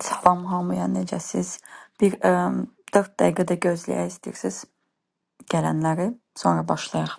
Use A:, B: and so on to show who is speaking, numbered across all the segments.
A: Salam hamıya, necəsiz? Bir ə, 4 dəqiqə də gözləyək istəyirsiniz gələnləri, sonra başlayaq.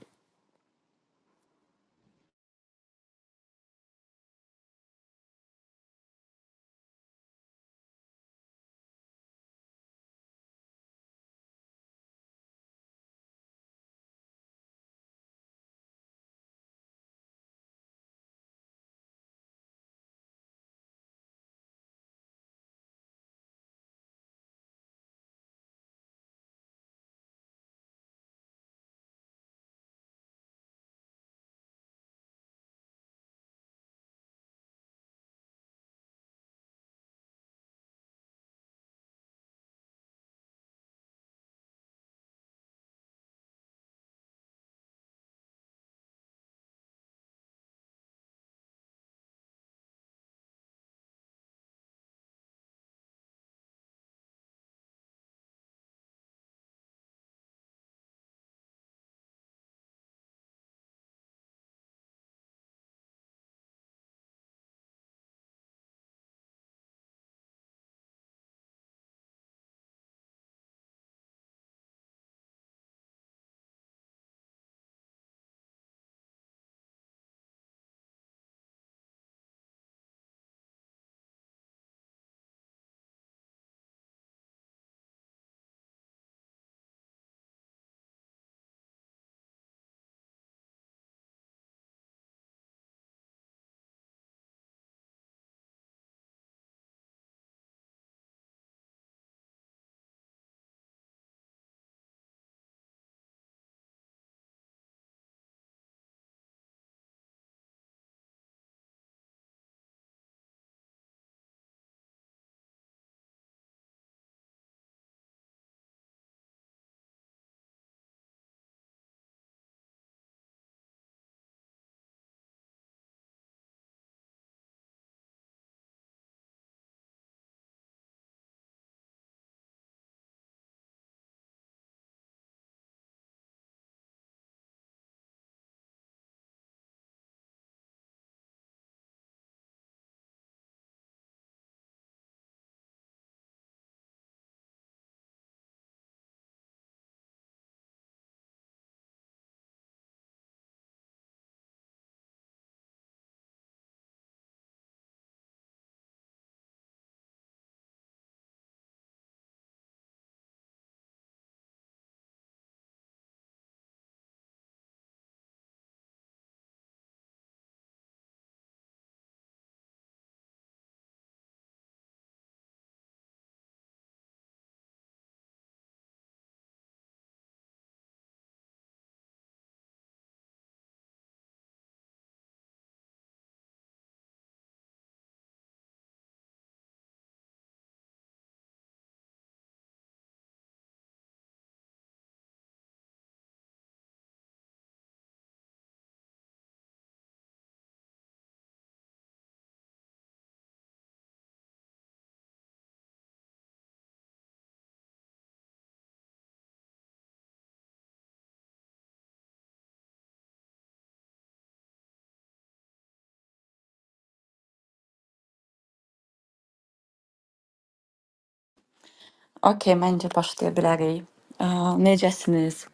A: Okay, məncə başlaya bilərik. Ə, necəsiniz?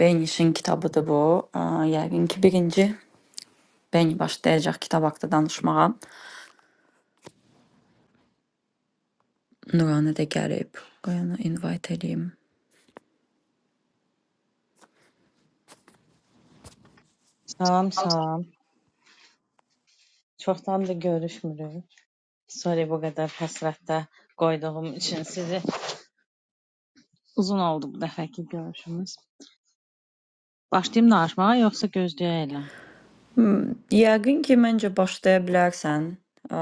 A: Beyin işin kitabıdır bu. Ə, yəqin ki, birinci Beyin başlayacaq kitab haqqında danışmağa. Nurani də gəlib. Qoyana invite edeyim.
B: Salam, salam. da görüşmürük. Sorry bu qədər həsrətdə qoyduğum üçün sizi. Uzun oldu bu dəfəki görüşümüz. Başlayım danışmağa yoxsa gözləyək elə?
A: Hmm, yəqin ki, məncə başlaya bilərsən. Ə,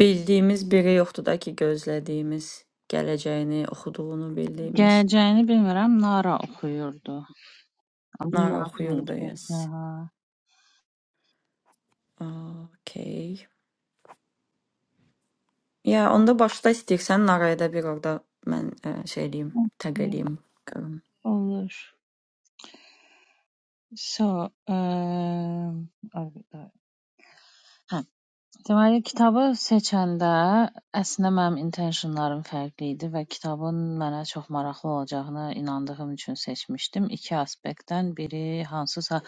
A: bildiyimiz biri yoxdur da ki, gözlədiyimiz gələcəyini, oxuduğunu bildiyimiz.
B: Gələcəyini bilmirəm, Nara oxuyurdu. Amma
A: Nara
B: yazmır.
A: oxuyurdu, yes.
B: Aha.
A: Okey. Ya onda başla istəyirsən araya da bir orada mən ə, şey eləyim, təq eləyim. görüm.
B: Olur. So, um, ha, Deməli, kitabı seçəndə əslində mənim intentionlarım fərqli idi və kitabın mənə çox maraqlı olacağına inandığım üçün seçmişdim. İki aspektdən biri hansısa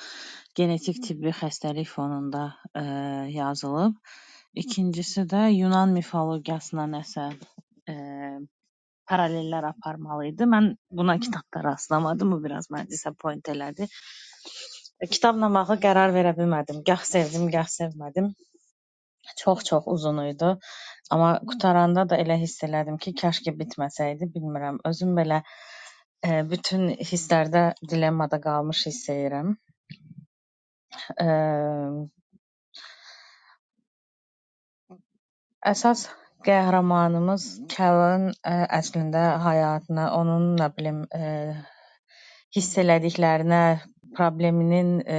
B: genetik tibbi xəstəlik fonunda ə, yazılıb. İkincisi də Yunan mifologiyasına nəsə ə, paralellər aparmalı idi. Mən buna kitabda rastlamadım. Bu biraz məni disappoint elədi. Kitabla bağlı qərar verə bilmədim. Gah sevdim, gah sevmədim. Çox-çox uzun idi, amma qurtaranda da elə hiss elədim ki, kaş ki bitməsəydi, bilmirəm, özüm belə e, bütün hisslərdə dilemmada qalmış hiss edirəm. E, əsas qəhrəmanımız Kəlin ə, əslində həyatına, onun nə bilim e, hiss elədiklərinə, probleminin e,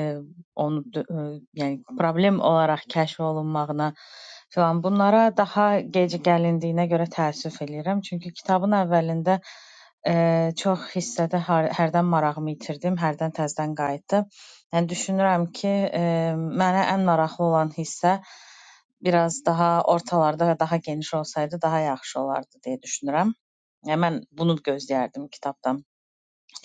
B: onu dö- e, yəni problem olaraq kəşf olunmağına filan bunlara daha gec gəlindiyinə görə təəssüf eləyirəm. Çünki kitabın əvvəlində e, çox hissədə hər, hərdən marağımı itirdim, hərdən təzədən qayıtdım. Yəni düşünürəm ki, e, mənə ən maraqlı olan hissə biraz daha ortalarda və daha geniş olsaydı daha yaxşı olardı deyə düşünürəm. Yəni mən bunu gözləyərdim kitabdan.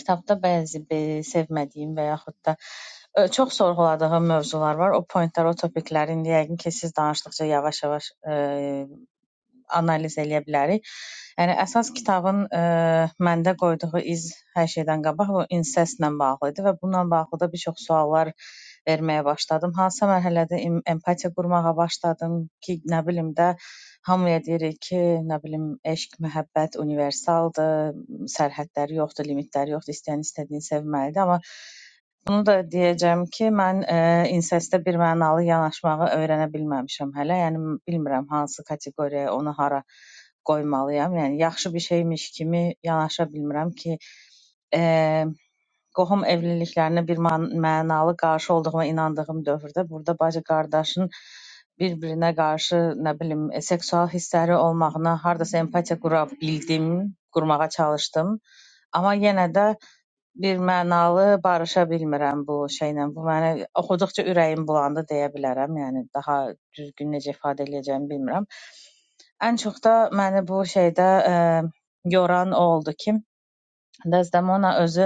B: Kitabda bəzi sevmədiyim və yaxud da ö, çox sorğuladığım mövzular var. O pointlər, o topikləri indi yəqin ki, siz danışdıqca yavaş-yavaş ə, analiz eləyə bilərik. Yəni əsas kitabın ə, məndə qoyduğu iz hər şeydən qabaq bu insestlə bağlı idi və bununla bağlı da bir çox suallar verməyə başladım. Hansısa mərhələdə em- empatiya qurmağa başladım ki, nə bilim də hamıya deyirik ki, nə bilim eşq, məhəbbət universaldır, sərhədləri yoxdur, limitləri yoxdur, istəyən istədiyini sevməlidir, amma bunu da deyəcəm ki, mən e, insestə birmənalı yanaşmağı öyrənə bilməmişəm hələ. Yəni bilmirəm hansı kateqoriyaya onu hara qoymalıyam. Yəni yaxşı bir şeymiş kimi yanaşa bilmirəm ki, e, qohum evliliklərinə bir man- mənalı qarşı olduğuma inandığım dövrdə burada bacı-qardaşın bir-birinə qarşı, nə bilim, e, seksual hissləri olmağına hardasa empatiya qura bildim, qurmağa çalışdım. Amma yenə də bir mənalı barışa bilmirəm bu şeylə. Bu mənə oxuduqca ürəyim bulandı deyə bilərəm. Yəni daha düzgün necə ifadə edəcəyimi bilmirəm. Ən çox da məni bu şeydə ə, yoran o oldu ki, Desdemona özü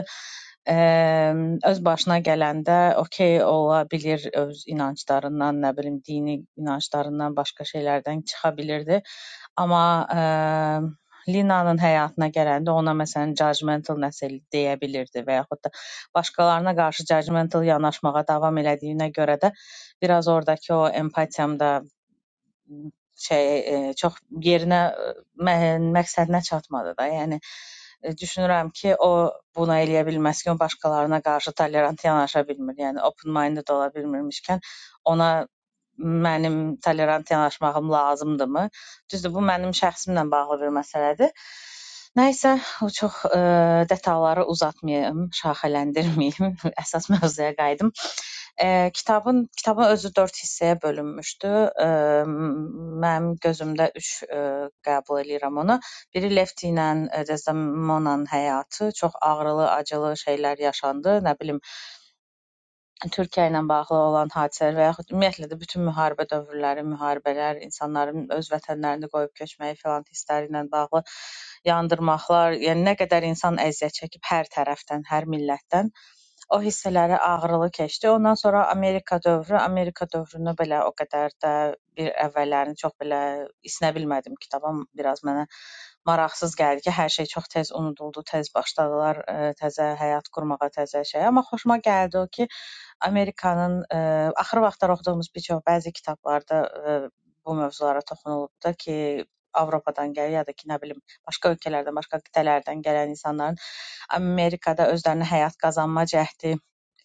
B: Əm, öz başına gələndə okey ola bilir öz inanclarından, nə bilim dini inanclarından, başqa şeylərdən çıxa bilirdi. Amma əm, Linanın həyatına gələndə ona məsələn judgmental nəsə deyə bilirdi və yaxud da başqalarına qarşı judgmental yanaşmağa davam elədiyinə görə də biraz oradakı o empatiyam da şey e, çox yerinə e, mə- məqsədinə çatmadı da. Yəni e, düşünürəm ki, o buna eləyə bilməz ki, o başqalarına qarşı tolerant yanaşa bilmir. Yəni open minded ola bilmirmişkən ona mənim tolerant yanaşmağım lazımdımı? Düzdür, bu mənim şəxsimlə bağlı bir məsələdir. Nəysə, o çox e, detalları uzatmayım, şaxələndirməyim. Əsas mövzuya qayıdım. Eee, kitabın kitabın özü dörd hissəyə bölünmüşdü. Emm, mənim gözümdə üç, eee, qəbul eləyirəm onu. Biri Lefti ilə eee, Desdemonanın həyatı, çox ağrılı, acılı şeylər yaşandı. Nə bilim, Türkiyə ilə bağlı olan hadisələr və yaxud ümumiyyətlə də bütün müharibə dövrləri, müharibələr, insanların öz vətənlərini qoyub köçməyi filan hissləri ilə bağlı yandırmaqlar, yəni nə qədər insan əziyyət çəkib hər tərəfdən, hər millətdən. O hissələri ağrılı keçdi. Ondan sonra Amerika dövrü, Amerika dövrünü belə o qədər də bir əvvəllərini çox belə isinə bilmədim. Kitabım biraz mənə maraqsız gəldi ki, hər şey çox tez unuduldu, tez başladılar ə, təzə həyat qurmağa, təzə şey. Amma xoşuma gəldi o ki, Amerikanın ə, axır vaxtlar oxuduğumuz bir çox bəzi kitablarda ə, bu mövzulara toxunulub da ki, Avropadan gəlir ya da ki, nə bilim, başqa ölkələrdən, başqa qitələrdən gələn insanların Amerikada özlərinə həyat qazanma cəhdi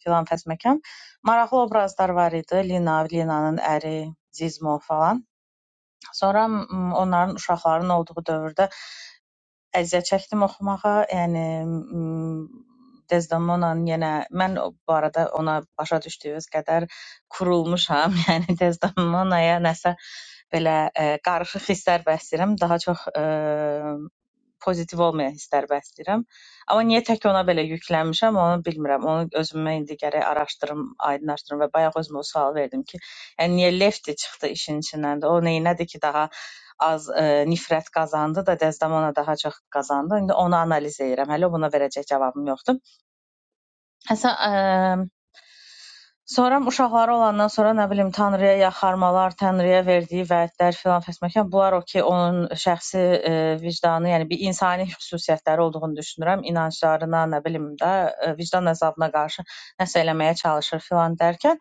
B: filan fəsməkan. Maraqlı obrazlar var idi. Lina, Linanın əri, Zizmo falan. Sonra m, onların uşaqların olduğu dövrdə əziyyət çəkdim oxumağa. Yəni m, Desdemona'nın yenə mən o- bu arada ona başa düşdüyünüz qədər kurulmuşam. Yəni Desdemona'ya nəsə belə ə, qarışıq hisslər bəsləyirəm. Daha çox ə, pozitiv olmayan hisslər bəsləyirəm. Amma niyə tək ona belə yüklənmişəm, onu bilmirəm. Onu özümə indi gərək araşdırım, aydınlaşdırım və bayaq özümə o sual verdim ki, yəni niyə Lefti çıxdı işin içindən də? O neynədi ki, daha az e, nifrət qazandı da Dəzdəmona daha çox qazandı. İndi onu analiz edirəm. Hələ buna verəcək cavabım yoxdur. Həsən eee, sonra uşaqları olandan sonra nə bilim Tanrıya yaxarmalar, Tanrıya verdiyi vədlər filan fəsməkan bunlar o ki onun şəxsi eee, vicdanı, yəni bir insani xüsusiyyətləri olduğunu düşünürəm. İnanclarına, nə bilim də eee, vicdan əzabına qarşı nəsə eləməyə çalışır filan dərkən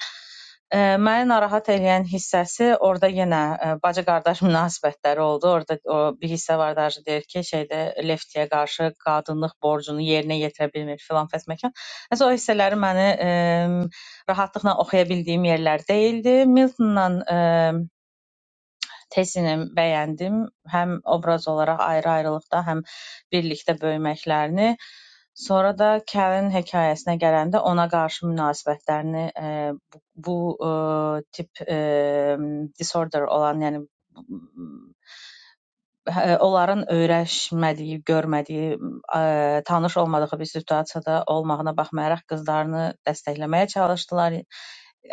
B: Ə, məni narahat eləyən hissəsi orada yenə ə, bacı-qardaş münasibətləri oldu. Orada o bir hissə var da deyir ki, şeydə Leftiyə qarşı qadınlıq borcunu yerinə yetirə bilmir filan fəsməkan. Hətta o hissələri məni ə, rahatlıqla oxuya bildiyim yerlər deyildi. Miltonla ə, tezini bəyəndim. Həm obraz olaraq ayrı-ayrılıqda, həm birlikdə böyüməklərini. Sonra da Kəlin hekayəsinə gələndə ona qarşı münasibətlərini ə, bu, bu ə, tip ə, disorder olan, yəni hə- onların öyrəşmədiyi, görmədiyi, ə, tanış olmadığı bir situasiyada olmağına baxmayaraq qızlarını dəstəkləməyə çalışdılar. Ə,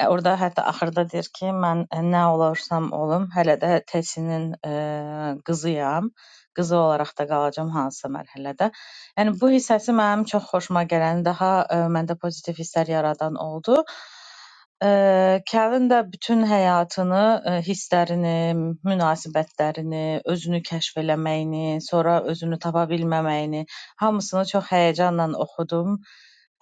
B: Orada hətta axırda deyir ki, mən nə olarsam olum, hələ də Tesinin ə, qızıyam. Qızı olaraq da qalacam hansısa mərhələdə. Yəni bu hissəsi mənim çox xoşuma gələn, daha ə, məndə pozitiv hisslər yaradan oldu. Eee, Kevin də bütün həyatını, eee, hisslərini, münasibətlərini, özünü kəşf eləməyini, sonra özünü tapa bilməməyini, hamısını çox həyəcanla oxudum.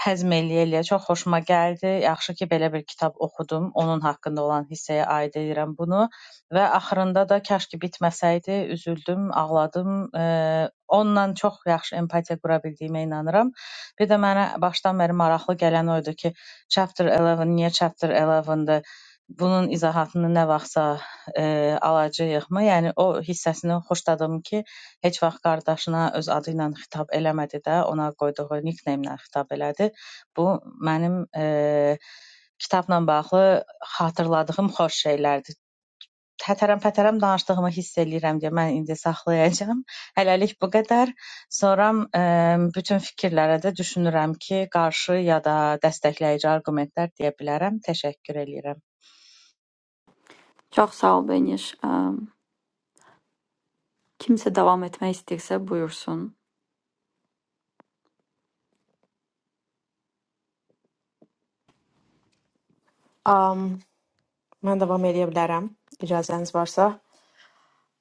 B: Həzm eləyə-eləyə çox xoşuma gəldi. Yaxşı ki, belə bir kitab oxudum. Onun haqqında olan hissəyə aid edirəm bunu və axırında da kaş ki bitməsəydi, üzüldüm, ağladım. Eee, onunla çox yaxşı empatiya qura bildiyimə inanıram. Bir də mənə başdan bəri maraqlı gələn o idi ki, Chapter 11, niyə Chapter 11-dir? Bunun izahatını nə vaxtsa e, alacağıq mı? Yəni o hissəsini xoşladım ki, heç vaxt qardaşına öz adı ilə xitab eləmədi də, ona qoyduğu nickname-lə xitab elədi. Bu mənim e, kitabla bağlı xatırladığım xoş şeylərdir. Hətəram-pətəram danışdığımı hiss eləyirəm deyə mən indi saxlayacağam. Hələlik bu qədər. Sonra ə, bütün fikirlərə də düşünürəm ki, qarşı ya da dəstəkləyici arqumentlər deyə bilərəm. Təşəkkür eləyirəm.
A: Çox sağ ol Beniş. Ə, kimsə davam etmək istəyirsə buyursun.
C: Am, mən davam edə bilərəm, icazəniz varsa.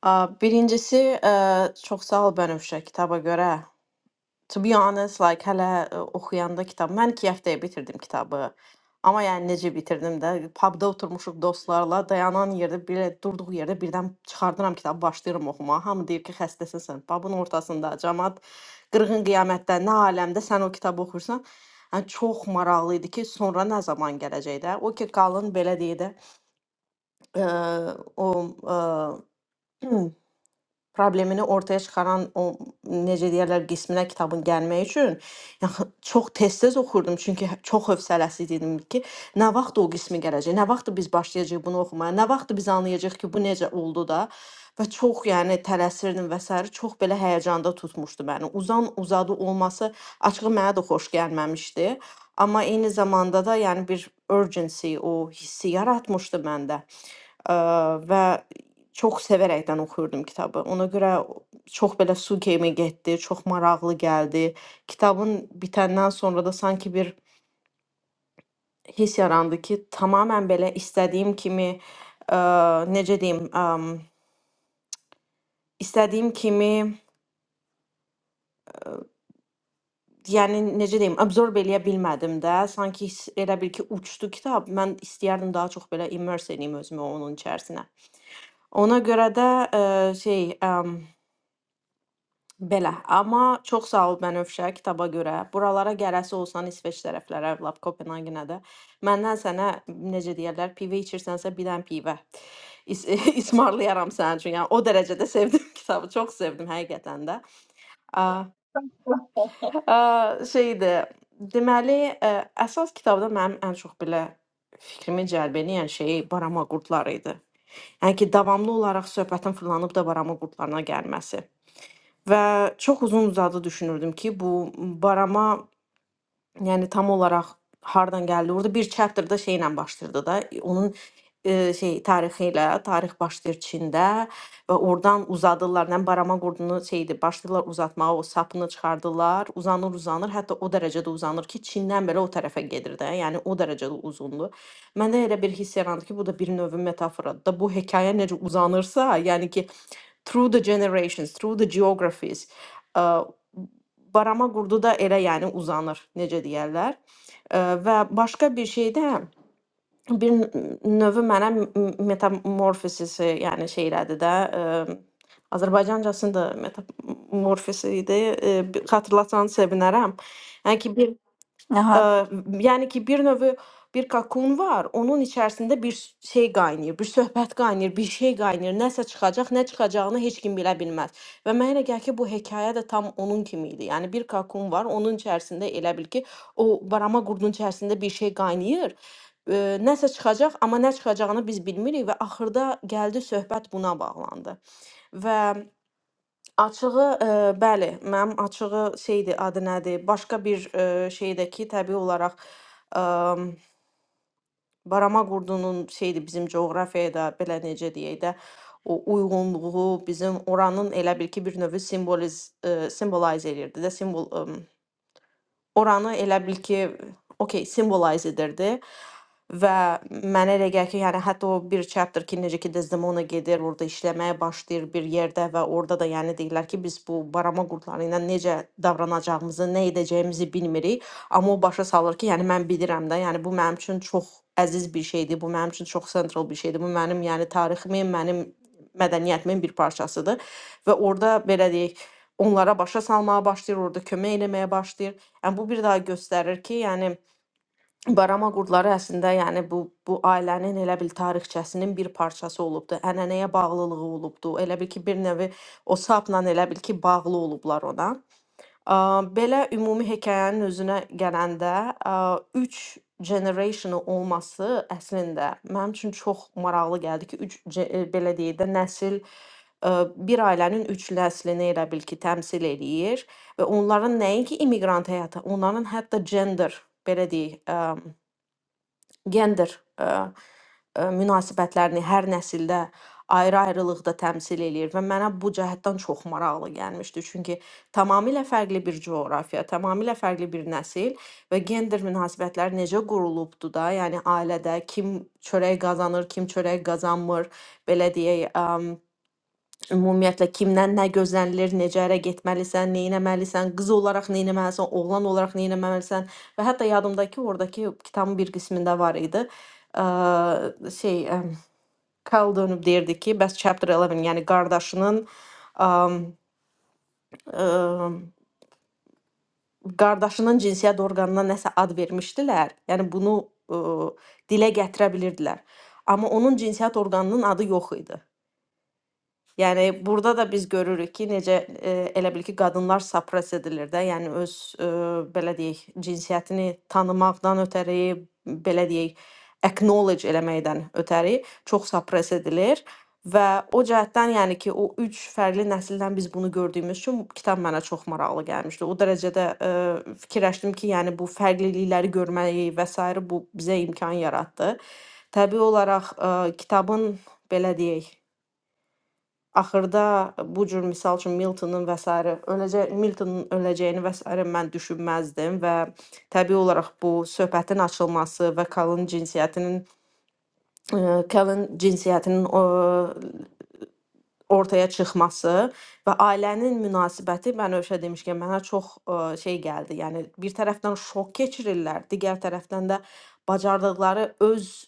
C: A, Birincisi, ə, çox sağ ol Bənövşə kitaba görə. To be honest, like hələ ə, oxuyanda kitab, mən 2 həftəyə bitirdim kitabı. Amma yəni necə bitirdim də, pubda oturmuşuq dostlarla, dayanan yerdə belə durduq yerdə birdən çıxardıram kitabı, başlayıram oxumağa. Hamı deyir ki, xəstəsən. Babın ortasında cəmaət qırğın qiyamətdə nə aləmdə sən o kitabı oxuyursan. Yəni çox maraqlı idi ki, sonra nə zaman gələcək də. O ki qalın belə deyir də eee, o eee, problemini ortaya çıxaran o necə deyirlər qisminə kitabın gəlmək üçün yəni çox tez-tez oxurdum çünki hə- çox hövsələsiz idim ki, nə vaxt o qismi gələcək, nə vaxt biz başlayacağıq bunu oxumaya, nə vaxt biz anlayacağıq ki, bu necə oldu da və çox yəni tələsirdim və sair çox belə həyəcanda tutmuşdu məni. Uzan uzadı olması açığı mənə də xoş gəlməmişdi. Amma eyni zamanda da yəni bir urgency o hissi yaratmışdı məndə. Ə, və çox sevərəkdən oxuyurdum kitabı. Ona görə o- çox belə su kimi getdi, çox maraqlı gəldi. Kitabın bitəndən sonra da sanki bir hiss yarandı ki, tamamilə belə istədiyim kimi, ə, necə deyim, ə, istədiyim kimi, yəni necə deyim, absorb eləyə bilmədim də. Sanki hiss- elə bil ki, uçdu kitab. Mən istəyərdim daha çox belə immerse eləyim özümü onun içərisinə. Ona görə də ə, şey, ə, Belə, amma çox sağ ol Bənövşə kitaba görə. Buralara gələsi olsan İsveç tərəflərə, lap Kopenhagenə də məndən sənə necə deyirlər, pivə içirsənsə bilən pivə. İs ismarlayaram sənin üçün. Yəni o dərəcədə sevdim kitabı, çox sevdim həqiqətən də. A, a, şeydi. Deməli, ə, əsas kitabda mənim ən çox belə fikrimi cəlb edən şey barama qurdları idi. Yəni ki, davamlı olaraq söhbətin fırlanıb da barama qurdlarına gəlməsi. Ve çok uzun uzadı düşünürdüm ki bu barama Yəni tam olaraq hardan gəldi? Orada bir chapter-da şeylə başlayırdı da. e, Onun e, şey tarixi ilə, tarix başlayır Çində və oradan uzadırlar. Nə barama qurdunu şeydi, başlayırlar uzatmağa, o sapını çıxardırlar, uzanır, uzanır, hətta o dərəcədə uzanır ki, Çindən belə o tərəfə gedir də. Yəni o dərəcədə uzundur. Məndə elə bir hiss yarandı ki, bu da bir növ metaforadır da. Bu hekayə necə uzanırsa, yəni ki, through the generations, through the geographies. ə, barama qurdu da elə yəni uzanır, necə deyərlər. Ə, Və başqa bir şey də bir n- növü mənə m- metamorfosisi, yəni şeylədir də, ə, Azərbaycancasında metamorfosi idi. Ə, bir- Xatırlatsan sevinərəm. Yəni ki, bir
A: Nəhayət,
C: Eee, yəni ki, bir növ bir kakun var. Onun içərisində bir s- şey qaynayır, bir söhbət qaynayır, bir şey qaynayır. Nəsə çıxacaq, nə çıxacağını heç kim bilə bilməz. Və mənə elə gəlir ki, bu hekayə də tam onun kimi idi. Yəni bir kakun var, onun içərisində elə bil ki, o barama qurdun içərisində bir şey qaynayır. Eee, Nəsə çıxacaq, amma nə çıxacağını biz bilmirik və axırda gəldi söhbət buna bağlandı. Və Açığı, eee, bəli, mənim açığı şeydir, adı nədir, başqa bir, eee, şeydə ki, təbii olaraq, əm, barama qurdunun şeydir, bizim coğrafiyaya da belə necə deyək də, o uyğunluğu, bizim oranın elə bil ki, bir növ simboliz eee, simbolizə eləyirdi də, simvol, əm oranı elə bil ki, okey, simvolizə edirdi və mənə elə gəlir ki, yəni hətta o bir chapter ki, necə ki Desdemona gedir, orada işləməyə başlayır bir yerdə və orada da yəni deyirlər ki, biz bu barama qurdları ilə necə davranacağımızı, nə edəcəyimizi bilmirik, amma o başa salır ki, yəni mən bilirəm də, yəni bu mənim üçün çox əziz bir şeydir, bu mənim üçün çox sentral bir şeydir. Bu mənim yəni tariximin, mənim mədəniyyətimin bir parçasıdır və orada belə deyək, onlara başa salmağa başlayır, orada kömək eləməyə başlayır. Yəni bu bir daha göstərir ki, yəni barama qurdları əslində yəni bu bu ailənin elə bil tarixçəsinin bir parçası olubdu. Ənənəyə bağlılığı olubdu. Elə bil ki, bir növ o sapla elə bil ki, bağlı olublar ona. Ə, Belə ümumi hekayənin özünə gələndə, 3 generationu olması əslində mənim üçün çox maraqlı gəldi ki, 3 belə deyək də nəsil ə, bir ailənin 3 nəslini elə bil ki, təmsil eləyir və onların nəinki immiqrant həyatı, onların hətta gender belə deyək, gender ə, ə, münasibətlərini hər nəsildə ayrı-ayrılıqda təmsil eləyir və mənə bu cəhətdən çox maraqlı gəlmişdi. Çünki tamamilə fərqli bir coğrafiya, tamamilə fərqli bir nəsil və gender münasibətləri necə qurulubdu da, yəni ailədə kim çörək qazanır, kim çörək qazanmır, belə deyək, əm, Ümumiyyətlə kimdən nə gözlənilir, necə ərə getməlisən, nə etməlisən, qız olaraq nə etməlisən, oğlan olaraq nə etməlisən və hətta yadımdakı ordakı kitabın bir qismində var idi. Ə, şey, ə, Kyle dönüb deyirdi ki, bəs chapter 11, yəni qardaşının ə, ə, qardaşının cinsiyyət orqanına nəsə ad vermişdilər. Yəni bunu ə, dilə gətirə bilirdilər. Amma onun cinsiyyət orqanının adı yox idi. Yəni burada da biz görürük ki, necə e, elə bil ki, qadınlar suppress edilir də, yəni öz e, belə deyək, cinsiyyətini tanımaqdan ötəri, belə deyək, acknowledge eləməkdən ötəri çox suppress edilir və o cəhətdən, yəni ki, o üç fərqli nəsildən biz bunu gördüyümüz üçün kitab mənə çox maraqlı gəlmişdi. O dərəcədə e, fikirləşdim ki, yəni bu fərqlilikləri görməyi və sair bu bizə imkan yaratdı. Təbii olaraq e, kitabın belə deyək Axırda e, bu cür misal üçün Miltonun və sairə öləcə Miltonun öləcəyini və sairə mən düşünməzdim və təbii olaraq bu söhbətin açılması və Kalın cinsiyyətinin Kalın cinsiyyətinin ə, ortaya çıxması və ailənin münasibəti Bənövşə demişkən mənə çox ə, şey gəldi. Yəni bir tərəfdən şok keçirirlər, digər tərəfdən də bacardıqları öz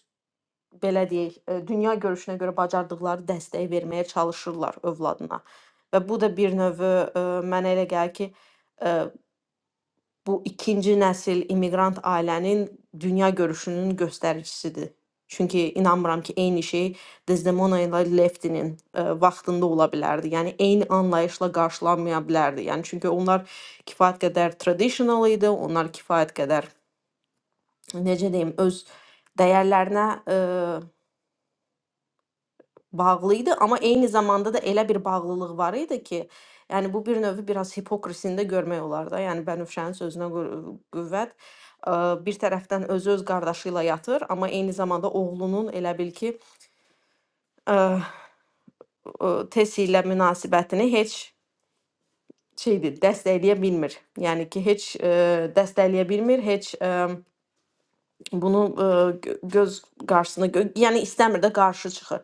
C: belə deyək, e, dünya görüşünə görə bacardıqları dəstəyi verməyə çalışırlar övladına. Və bu da bir növ mənə elə gəlir ki, e, bu ikinci nəsil immiqrant ailənin dünya görüşünün göstəricisidir. Çünki inanmıram ki, eyni şey Desdemona ilə Leftinin e, vaxtında ola bilərdi. Yəni eyni anlayışla qarşılanmaya bilərdi. Yəni çünki onlar kifayət qədər traditional idi, onlar kifayət qədər necə deyim, öz dəyərlərinə e, bağlıydı amma eyni zamanda da elə bir bağlılıq var idi ki, yəni bu bir növ biraz hipokrisini də görmək olar da. Yəni Bənövşənin sözünə qü- qüvvət, ə, bir tərəfdən özü öz qardaşı ilə yatır, amma eyni zamanda oğlunun elə bil ki, ə, ə, Tesi ilə münasibətini heç şeydir, dəstəkləyə bilmir. Yəni ki, heç ə, dəstəkləyə bilmir, heç ə, bunu e, gö- göz qarşısına gö yəni istəmir də qarşı çıxır.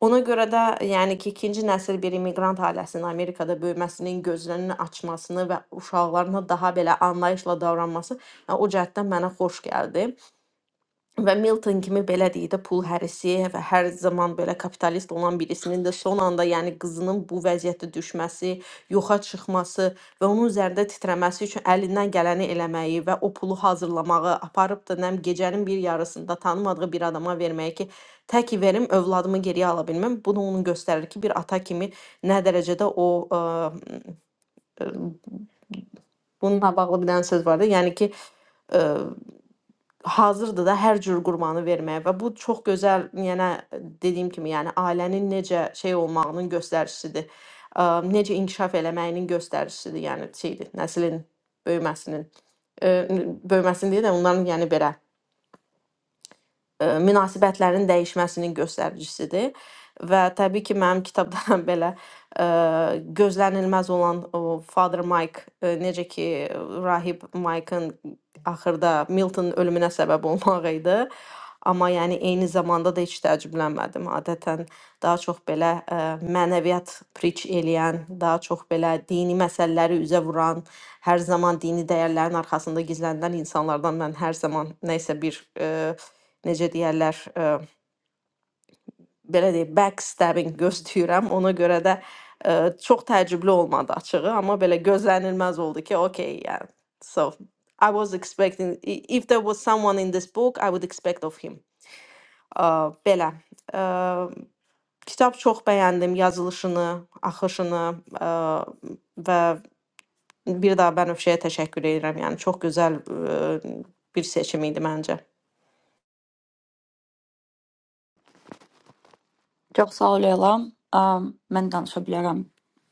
C: Ona görə də yəni ki, ikinci nəsil bir immiqrant ailəsinin Amerikada böyüməsinin gözlərini açmasını və uşaqlarına daha belə anlayışla davranması yəni, o cəhətdən mənə xoş gəldi. Və Milton kimi belə deyək də pul hərisi və hər zaman belə kapitalist olan birisinin də son anda, yəni qızının bu vəziyyətə düşməsi, yoxa çıxması və onun üzərində titrəməsi üçün əlindən gələni eləməyi və o pulu hazırlamağı, aparıb da nəm gecənin bir yarısında tanımadığı bir adama verməyi ki, təki verim övladımı geriyə ala bilməm. Bunu onun göstərir ki, bir ata kimi nə dərəcədə o ə, bununla bağlı bir dənə söz var da, yəni ki, ə, hazırdı da hər cür qurbanı verməyə və bu çox gözəl, yəni dediyim kimi, yəni ailənin necə şey olmağının göstəricisidir. Ə, Necə inkişaf eləməyinin göstəricisidir, yəni şeydir, nəslin böyüməsinin ə, böyüməsini deyə də onların yəni belə ə, münasibətlərin dəyişməsinin göstəricisidir. Və təbii ki, mənim kitabda belə ə, gözlənilməz olan o Father Mike, ə, necə ki, rahib Mike'ın axırda Milton ölümünə səbəb olmaq idi. Amma yəni eyni zamanda da heç təəccüblənmədim. Adətən daha çox belə ə, mənəviyyat preach eləyən, daha çox belə dini məsələləri üzə vuran, hər zaman dini dəyərlərin arxasında gizlənilən insanlardan mən hər zaman nə isə bir ə, necə deyərlər, ə, belə deyək, backstabbing gözləyirəm. Ona görə də ə, çox təəccüblü olmadı açığı, amma belə gözlənilməz oldu ki, okay, yeah. So I was expecting i- if there was someone in this book, I would expect of him. Ə, belə. Ə, kitab çox bəyəndim, yazılışını, axışını ə, və bir daha Bənövşəyə təşəkkür edirəm. Yəni çox gözəl ə, bir seçim idi məncə.
A: çox sağ ol Elam. Ə, mən danışa bilərəm.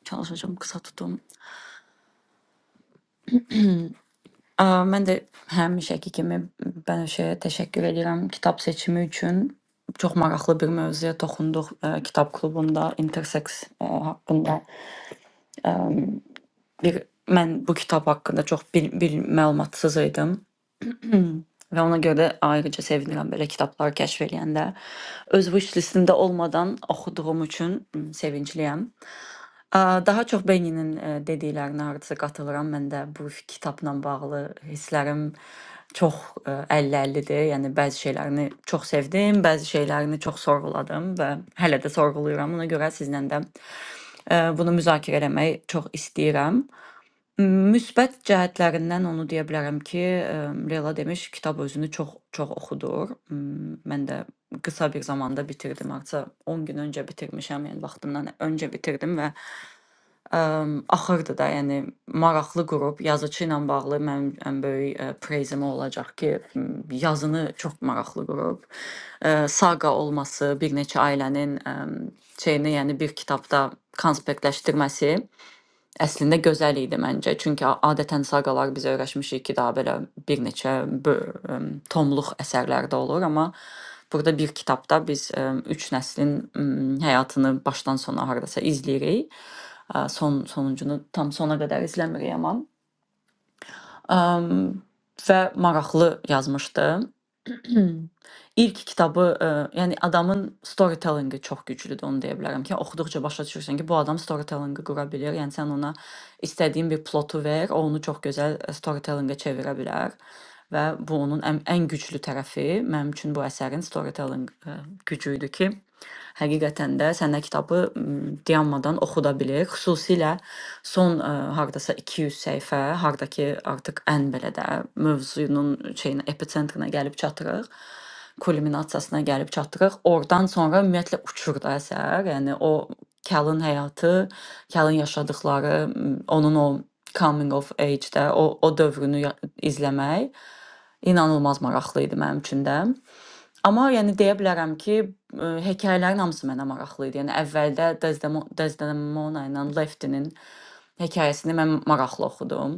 A: Çalışacağam qısa tutum. Ə, mən də həmişəki kimi Bənövşəyə təşəkkür edirəm kitab seçimi üçün. Çox maraqlı bir mövzuya toxunduq ə, kitab klubunda intersex ə, haqqında. E, bir mən bu kitab haqqında çox bil, bil məlumatsız idim. Və ona görə ayrıca sevinirəm belə kitablar kəşf eləyəndə. Öz wish listimdə olmadan oxuduğum üçün m, sevincliyəm. Ə, Daha çox Beninin ə, dediklərinə hardasa qatılıram. Mən də bu kitabla bağlı hisslərim çox ə, 50-50-dir. Yəni bəzi şeylərini çox sevdim, bəzi şeylərini çox sorğuladım və hələ də sorğuluyuram. Ona görə sizlə də ə, bunu müzakirə etmək çox istəyirəm. Müsbət cəhətlərindən onu deyə bilərəm ki, əm, Leyla demiş, kitab özünü çox çox oxudur. M, Mən də qısa bir zamanda bitirdim, artıq 10 gün öncə bitirmişəm, yəni vaxtından öncə bitirdim və əm, axırdı da, yəni maraqlı qrup yazıçı ilə bağlı mənim ən böyük ə, preizim o olacaq ki, m, yazını çox maraqlı qrup. Ə, Saqa olması, bir neçə ailənin əm, şeyini, yəni bir kitabda konspektləşdirməsi. Əslində gözəl idi məncə. Çünki a- adətən saqalar biz öyrəşmişik ki, daha belə bir neçə bö- əm, tomluq əsərlərdə olur, amma burada bir kitabda biz əm, üç nəslin əm, həyatını başdan sona hardasa izləyirik. Ə, Son sonuncunu tam sona qədər izləmirik amma Əm, və maraqlı yazmışdı. İlk kitabı, eee, yəni adamın storytellinqi çox güclüdür, onu deyə bilərəm ki, oxuduqca başa düşürsən ki, bu adam storytellinqi qura bilir. Yəni sən ona istədiyin bir plotu ver, o onu çox gözəl e, storytellinqə çevirə bilər və bu onun ən, ən güclü tərəfi mənim üçün bu əsərin storytelling e, gücü idi ki, həqiqətən də sənə kitabı m, dayanmadan oxuda bilir. Xüsusilə Son, ə, hardasa 200 səhifə, harda ki, artıq ən belə də mövzunun şeyinə, episentrına gəlib çatırıq, kulminasiyasına gəlib çatırıq. Oradan sonra ümumiyyətlə uçur da əsər. Yəni o Cal'ın həyatı, Cal'ın yaşadıkları, m, onun o coming of age-də o o dövrünü ya- izləmək inanılmaz maraqlı idi mənim üçün də. Amma yəni deyə bilərəm ki, ə, hekayələrin hamısı mənə maraqlı idi. Yəni əvvəldə Desdemo- Desdemona ilə Leftinin hekayəsini mən maraqlı oxudum.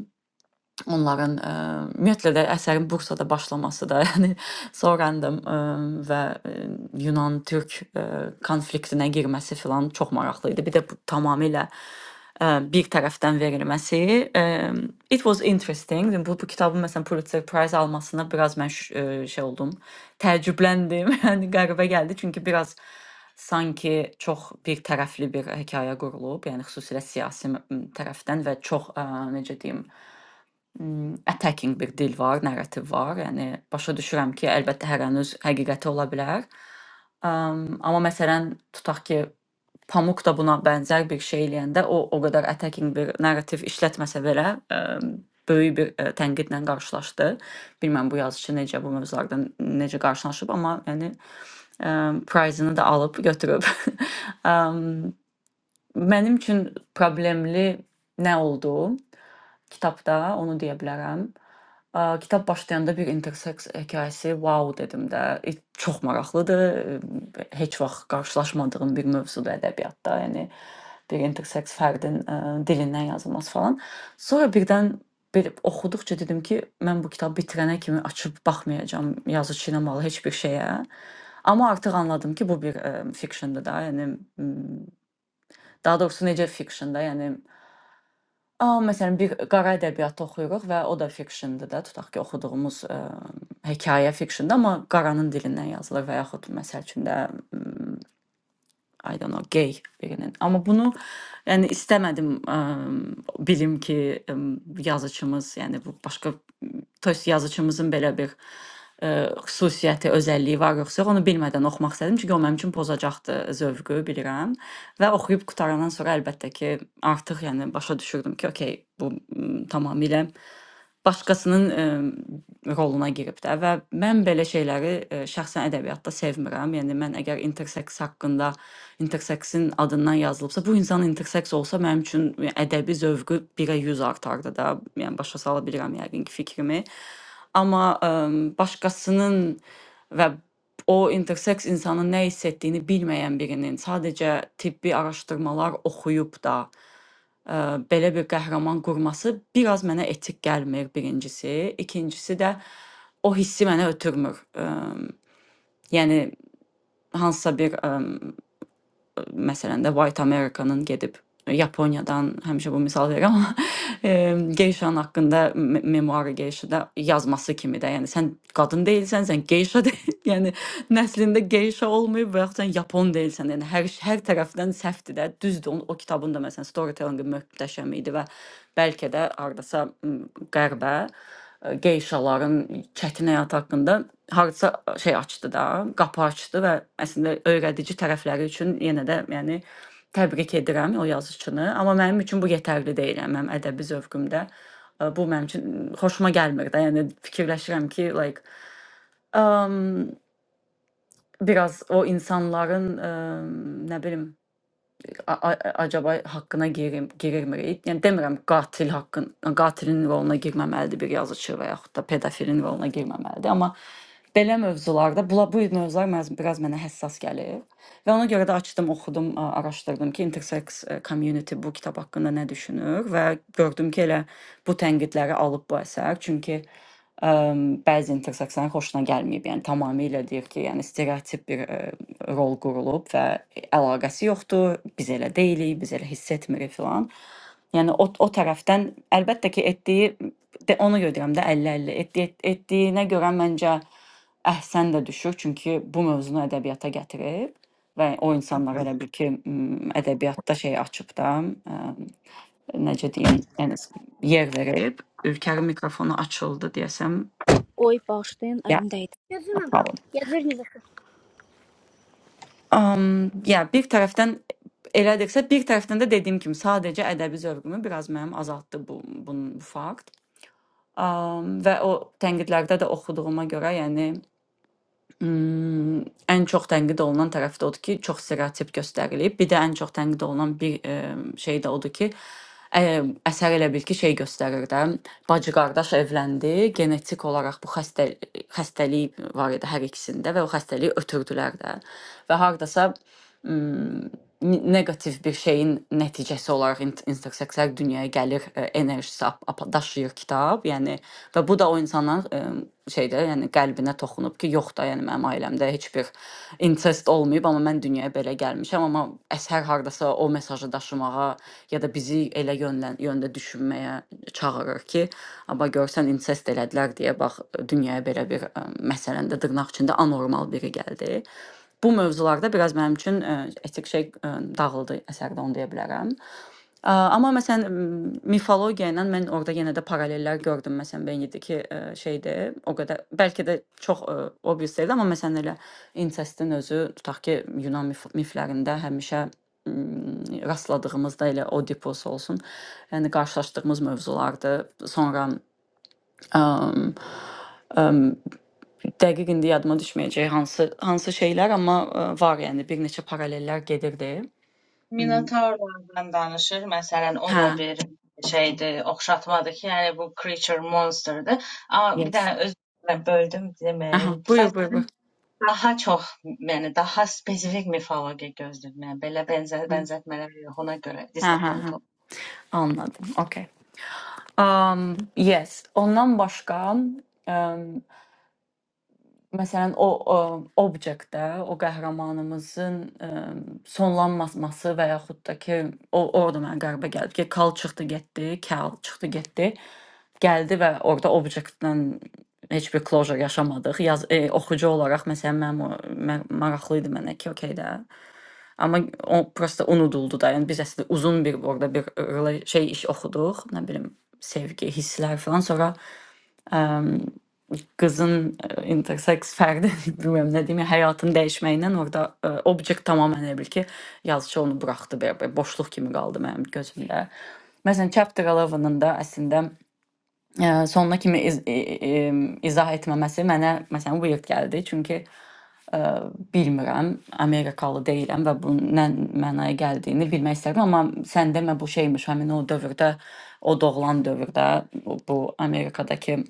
A: Onların, eee, ümumiyyətlə də əsərin Bursada başlaması da, yəni sonradan eee, və eee, Yunan-Türk eee, konfliktinə girməsi filan çox maraqlı idi. Bir də bu tamamilə eee, bir tərəfdən verilməsi. eee, It was interesting. Bu, bu kitabın məsələn Pulitzer Prize almasına biraz mən ş- eee, şey oldum, təəccübləndim. Yəni qəribə gəldi çünki biraz sanki çox bir tərəfli bir hekayə qurulub, yəni xüsusilə siyasi m- tərəfdən və çox ə, necə deyim, Imm, attacking bir dil var, narrativ var. Yəni başa düşürəm ki, əlbəttə hər an öz həqiqəti ola bilər. Am, amma məsələn, tutaq ki, Pamuk da buna bənzər bir şey eləyəndə o o qədər attacking bir narrativ işlətməsə belə, əm, böyük bir ə, tənqidlə qarşılaşdı. Bilmirəm bu yazıçı necə bu mövzulardan necə qarşılaşıb, amma yəni əm, prize-ını da alıb götürüb. Am, Mənim üçün problemli nə oldu kitabda, onu deyə bilərəm. Ə, Kitab başlayanda bir interseks hekayəsi, wow dedim də. E, Çox maraqlıdır. e, Heç vaxt qarşılaşmadığım bir mövzudur ədəbiyyatda. Yəni bir interseks fərdin ə, dilindən yazılması falan. Sonra birdən bir oxuduqca dedim ki, mən bu kitabı bitirənə kimi açıb baxmayacağam yazıçı ilə bağlı heç bir şeyə. Amma artıq anladım ki, bu bir ə, fictiondur da, yəni m, Daha doğrusu necə fiction-da, yəni, aaa, məsələn, bir qara ədəbiyyatı oxuyuruq və o da fiction-dur da, tutaq ki, oxuduğumuz, eee, hekayə fiction-dur, amma qaranın dilindən yazılır və yaxud məsəl üçün də, ımm I don't know, gay birinin. Amma bunu yəni istəmədim ə, bilim ki, ə, yazıçımız, yəni bu başqa to есть yazıçımızın belə bir ə, xüsusiyyəti, özəlliyi var yoxsa yox, onu bilmədən oxumaq istədim, çünki o mənim üçün pozacaqdı zövqü, bilirəm. Və oxuyub qutarandan sonra əlbəttə ki, artıq yəni başa düşürdüm ki, okey, bu m, tamamilə başqasının ə, roluna girib də və mən belə şeyləri ə, şəxsən ədəbiyyatda sevmirəm. Yəni mən əgər interseks haqqında interseksin adından yazılıbsa, bu insan interseks olsa mənim üçün yəni, ədəbi zövqü 1-ə 100 artardı da. Yəni başa sala bilirəm yəqin ki fikrimi. Amma ə, başqasının və o interseks insanın nə hiss etdiyini bilməyən birinin sadəcə tibbi araşdırmalar oxuyub da Ə, belə bir qəhrəman qurması biraz mənə etik gəlmir, birincisi. İkincisi də o hissi mənə ötürmür. Ə, yəni hansısa bir ə, məsələn də White America-nın gedib Yaponiyadan həmişə bu misal verirəm amma em, geyşanın haqqında me- memuarı geyşada yazması kimi də, yəni sən qadın deyilsən, sən geyşa deyil, yəni nəslində geyşa olmayıb və yaxud sən yapon deyilsən, yəni hər hər tərəfdən səhvdir də. Düzdür, o, o kitabın da məsələn storytellingi möhtəşəm idi və bəlkə də hardasa m, qərbə e, geyşaların çətin həyat haqqında hardasa şey açdı da, qapı açdı və əslində öyrədici tərəfləri üçün yenə də yəni təbrik edirəm o yazıçını, amma mənim üçün bu yetərli deyil, yəni mənim ədəbi zövqümdə e, bu mənim üçün xoşuma gəlmir də. Yəni fikirləşirəm ki, like um, biraz o insanların um, nə bilim a a acaba haqqına girim, girirmi? Yəni demirəm qatil haqqın, qatilin roluna girməməlidir bir yazıçı və yaxud da pedofilin roluna girməməlidir, amma belə mövzularda bula bu mövzular məz- biraz mənə həssas gəlir. Və ona görə də açdım, oxudum, a- araşdırdım ki, intersex e, community bu kitab haqqında nə düşünür və gördüm ki, elə bu tənqidləri alıb bu əsər. Çünki Əm, bəzi interseksiyonların xoşuna gəlməyib. Yəni tamamilə deyir ki, yəni stereotip bir ə, rol qurulub və əlaqəsi yoxdur. Biz elə deyilik, biz elə hiss etmirik filan. Yəni o o tərəfdən əlbəttə ki, etdiyi də ona görə deyirəm də 50-50 etdiyi etdiyinə görə məncə əhsən də düşür, çünki bu mövzunu ədəbiyyata gətirib və o insanlara elə bil ki, m, ədəbiyyatda şey açıb da, ə, necə deyim, yəni yer verib. Ülkənin mikrofonu açıldı deyəsəm.
D: Oy, bağışlayın,
A: Yeah,
D: əlimdə idi.
A: no
D: Yazıram.
A: problem.
D: Yazır yazır.
A: Um, yeah, bir tərəfdən elədirsə, bir tərəfdən də dediyim kimi sadəcə ədəbi zövqümü biraz mənim azaltdı bu bunun bu fakt. Um, və o tənqidlərdə də oxuduğuma görə, yəni mm, ən çox tənqid olunan tərəf də odur ki, çox stereotip göstərilib. Bir də ən çox tənqid olunan bir e, şey də odur ki, ə, əsər elə bil ki, şey göstərir də. Bacı qardaş evləndi. Genetik olaraq bu xəstə xəstəlik var idi hər ikisində və o xəstəliyi ötürdülər də. Və hardasa m, negativ bir şeyin nəticəsi olaraq int- intersekslər dünyaya gəlir ə, enerjisi ap- ap- daşıyır kitab. Yəni və bu da o insanların ə, şeydə, yəni qəlbinə toxunub ki, yox da, yəni mənim ailəmdə heç heç bir incest olmayıb, amma mən dünyaya belə gəlmişəm, amma əsər hardasa o mesajı daşımağa ya da bizi elə yönlən, yöndə düşünməyə çağırır ki, amma görsən incest elədilər deyə bax dünyaya belə bir ə, məsələn də dırnaq içində anormal biri gəldi. Bu mövzularda biraz mənim üçün ə, etik şey ə, dağıldı əsərdə onu deyə bilərəm. Ə, Amma məsələn, m, mifologiya ilə mən orada yenə də paralellər gördüm. Məsələn, Benidiki ə, şeydir, o qədər bəlkə də çox ə, obvious deyil, amma məsələn elə incestin özü tutaq ki, Yunan mif miflərində həmişə m, rastladığımız da elə Oedipus olsun. Yəni qarşılaşdığımız mövzulardır. Sonra əm, əm, dəqiq indi yadıma düşməyəcək hansı hansı şeylər, amma ə, var yəni bir neçə paralellər gedirdi. M,
B: Minotaurlardan danışır. Məsələn, o da
A: Hə,
B: bir şeydir, oxşatmadır ki, yəni bu creature monsterdır. Amma bir
A: yes.
B: dənə öz mən böldüm
A: Aha,
B: deməyim.
A: buyur, buyur,
B: Sadəcə
A: buyur.
B: mən daha çox, yəni daha spesifik mifologiya gözləyirəm. Yəni belə bənzər
A: Ha
B: bənzətmələr yox ona görə
A: ha
B: disappoint
A: ha anladım. Okay. Um, yes. Ondan başqa um, Məsələn, o, o Object də, o qəhrəmanımızın ə, sonlanması və yaxud da ki, o orada mənə qəribə gəldi ki, Kal çıxdı getdi, Kal çıxdı getdi. Gəldi və orada Object-dən heç bir closure yaşamadıq. Yaz e, oxucu olaraq məsələn mənim o mən, maraqlı idi mənə ki, okey də. Amma o prosta unuduldu da. Yəni biz əslində uzun bir orada bir rela- şey iş oxuduq, nə bilim sevgi, hisslər falan. Sonra qızın e, intersex fərdi bilmirəm nə deyim, yəni həyatın dəyişməyindən orada e, objekt tamamilə elə bil ki, yazıçı onu buraxdı belə, belə boşluq kimi qaldı mənim gözümdə. Məsələn, chapter 11-ın da əslində e, sonuna kimi iz, e, e, izah etməməsi mənə məsələn weird gəldi, çünki e, bilmirəm, Amerikalı deyiləm və bunun nə mənaya gəldiyini bilmək istərdim, amma sən demə bu şeymiş, həmin o dövrdə, o doğulan dövrdə bu bu Amerikadakı